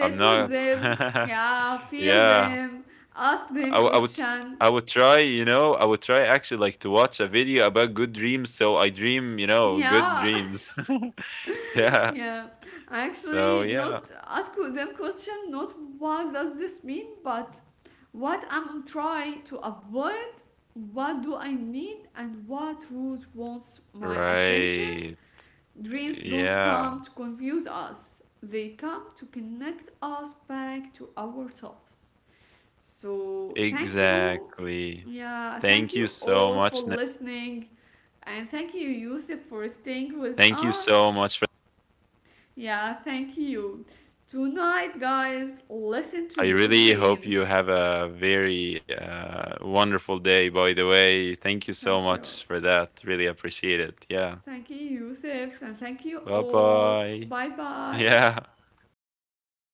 [SPEAKER 2] I'm
[SPEAKER 1] with
[SPEAKER 2] not.
[SPEAKER 1] them. Yeah, feel
[SPEAKER 2] Yeah.
[SPEAKER 1] them. Ask them
[SPEAKER 2] I would.
[SPEAKER 1] question.
[SPEAKER 2] I would try, you know, I would try actually, like, to watch a video about good dreams, so I dream, you know, good
[SPEAKER 1] Yeah,
[SPEAKER 2] dreams. Yeah.
[SPEAKER 1] yeah.
[SPEAKER 2] So,
[SPEAKER 1] Actually,
[SPEAKER 2] yeah.
[SPEAKER 1] not ask them question. Not what does this mean, but what I'm trying to avoid. What do I need, and what rules wants my attention?
[SPEAKER 2] Right.
[SPEAKER 1] Dreams don't
[SPEAKER 2] Yeah.
[SPEAKER 1] come to confuse us, they come to connect us back to ourselves. So, thank you.
[SPEAKER 2] Exactly.
[SPEAKER 1] Yeah, thank
[SPEAKER 2] Thank
[SPEAKER 1] you
[SPEAKER 2] you so
[SPEAKER 1] all for
[SPEAKER 2] much.
[SPEAKER 1] listening. And thank you, Yusuf, for staying with
[SPEAKER 2] Thank you so
[SPEAKER 1] us.
[SPEAKER 2] much.
[SPEAKER 1] Yeah, thank you. Tonight, guys, listen to
[SPEAKER 2] I
[SPEAKER 1] your
[SPEAKER 2] really hope you
[SPEAKER 1] dreams.
[SPEAKER 2] have a very, wonderful day, by the way. Thank you so
[SPEAKER 1] Thank you.
[SPEAKER 2] much for that. Really appreciate it. Yeah.
[SPEAKER 1] Thank you, Yusuf. And thank you
[SPEAKER 2] Bye
[SPEAKER 1] all.
[SPEAKER 2] bye.
[SPEAKER 1] Bye bye.
[SPEAKER 2] Yeah. Bye.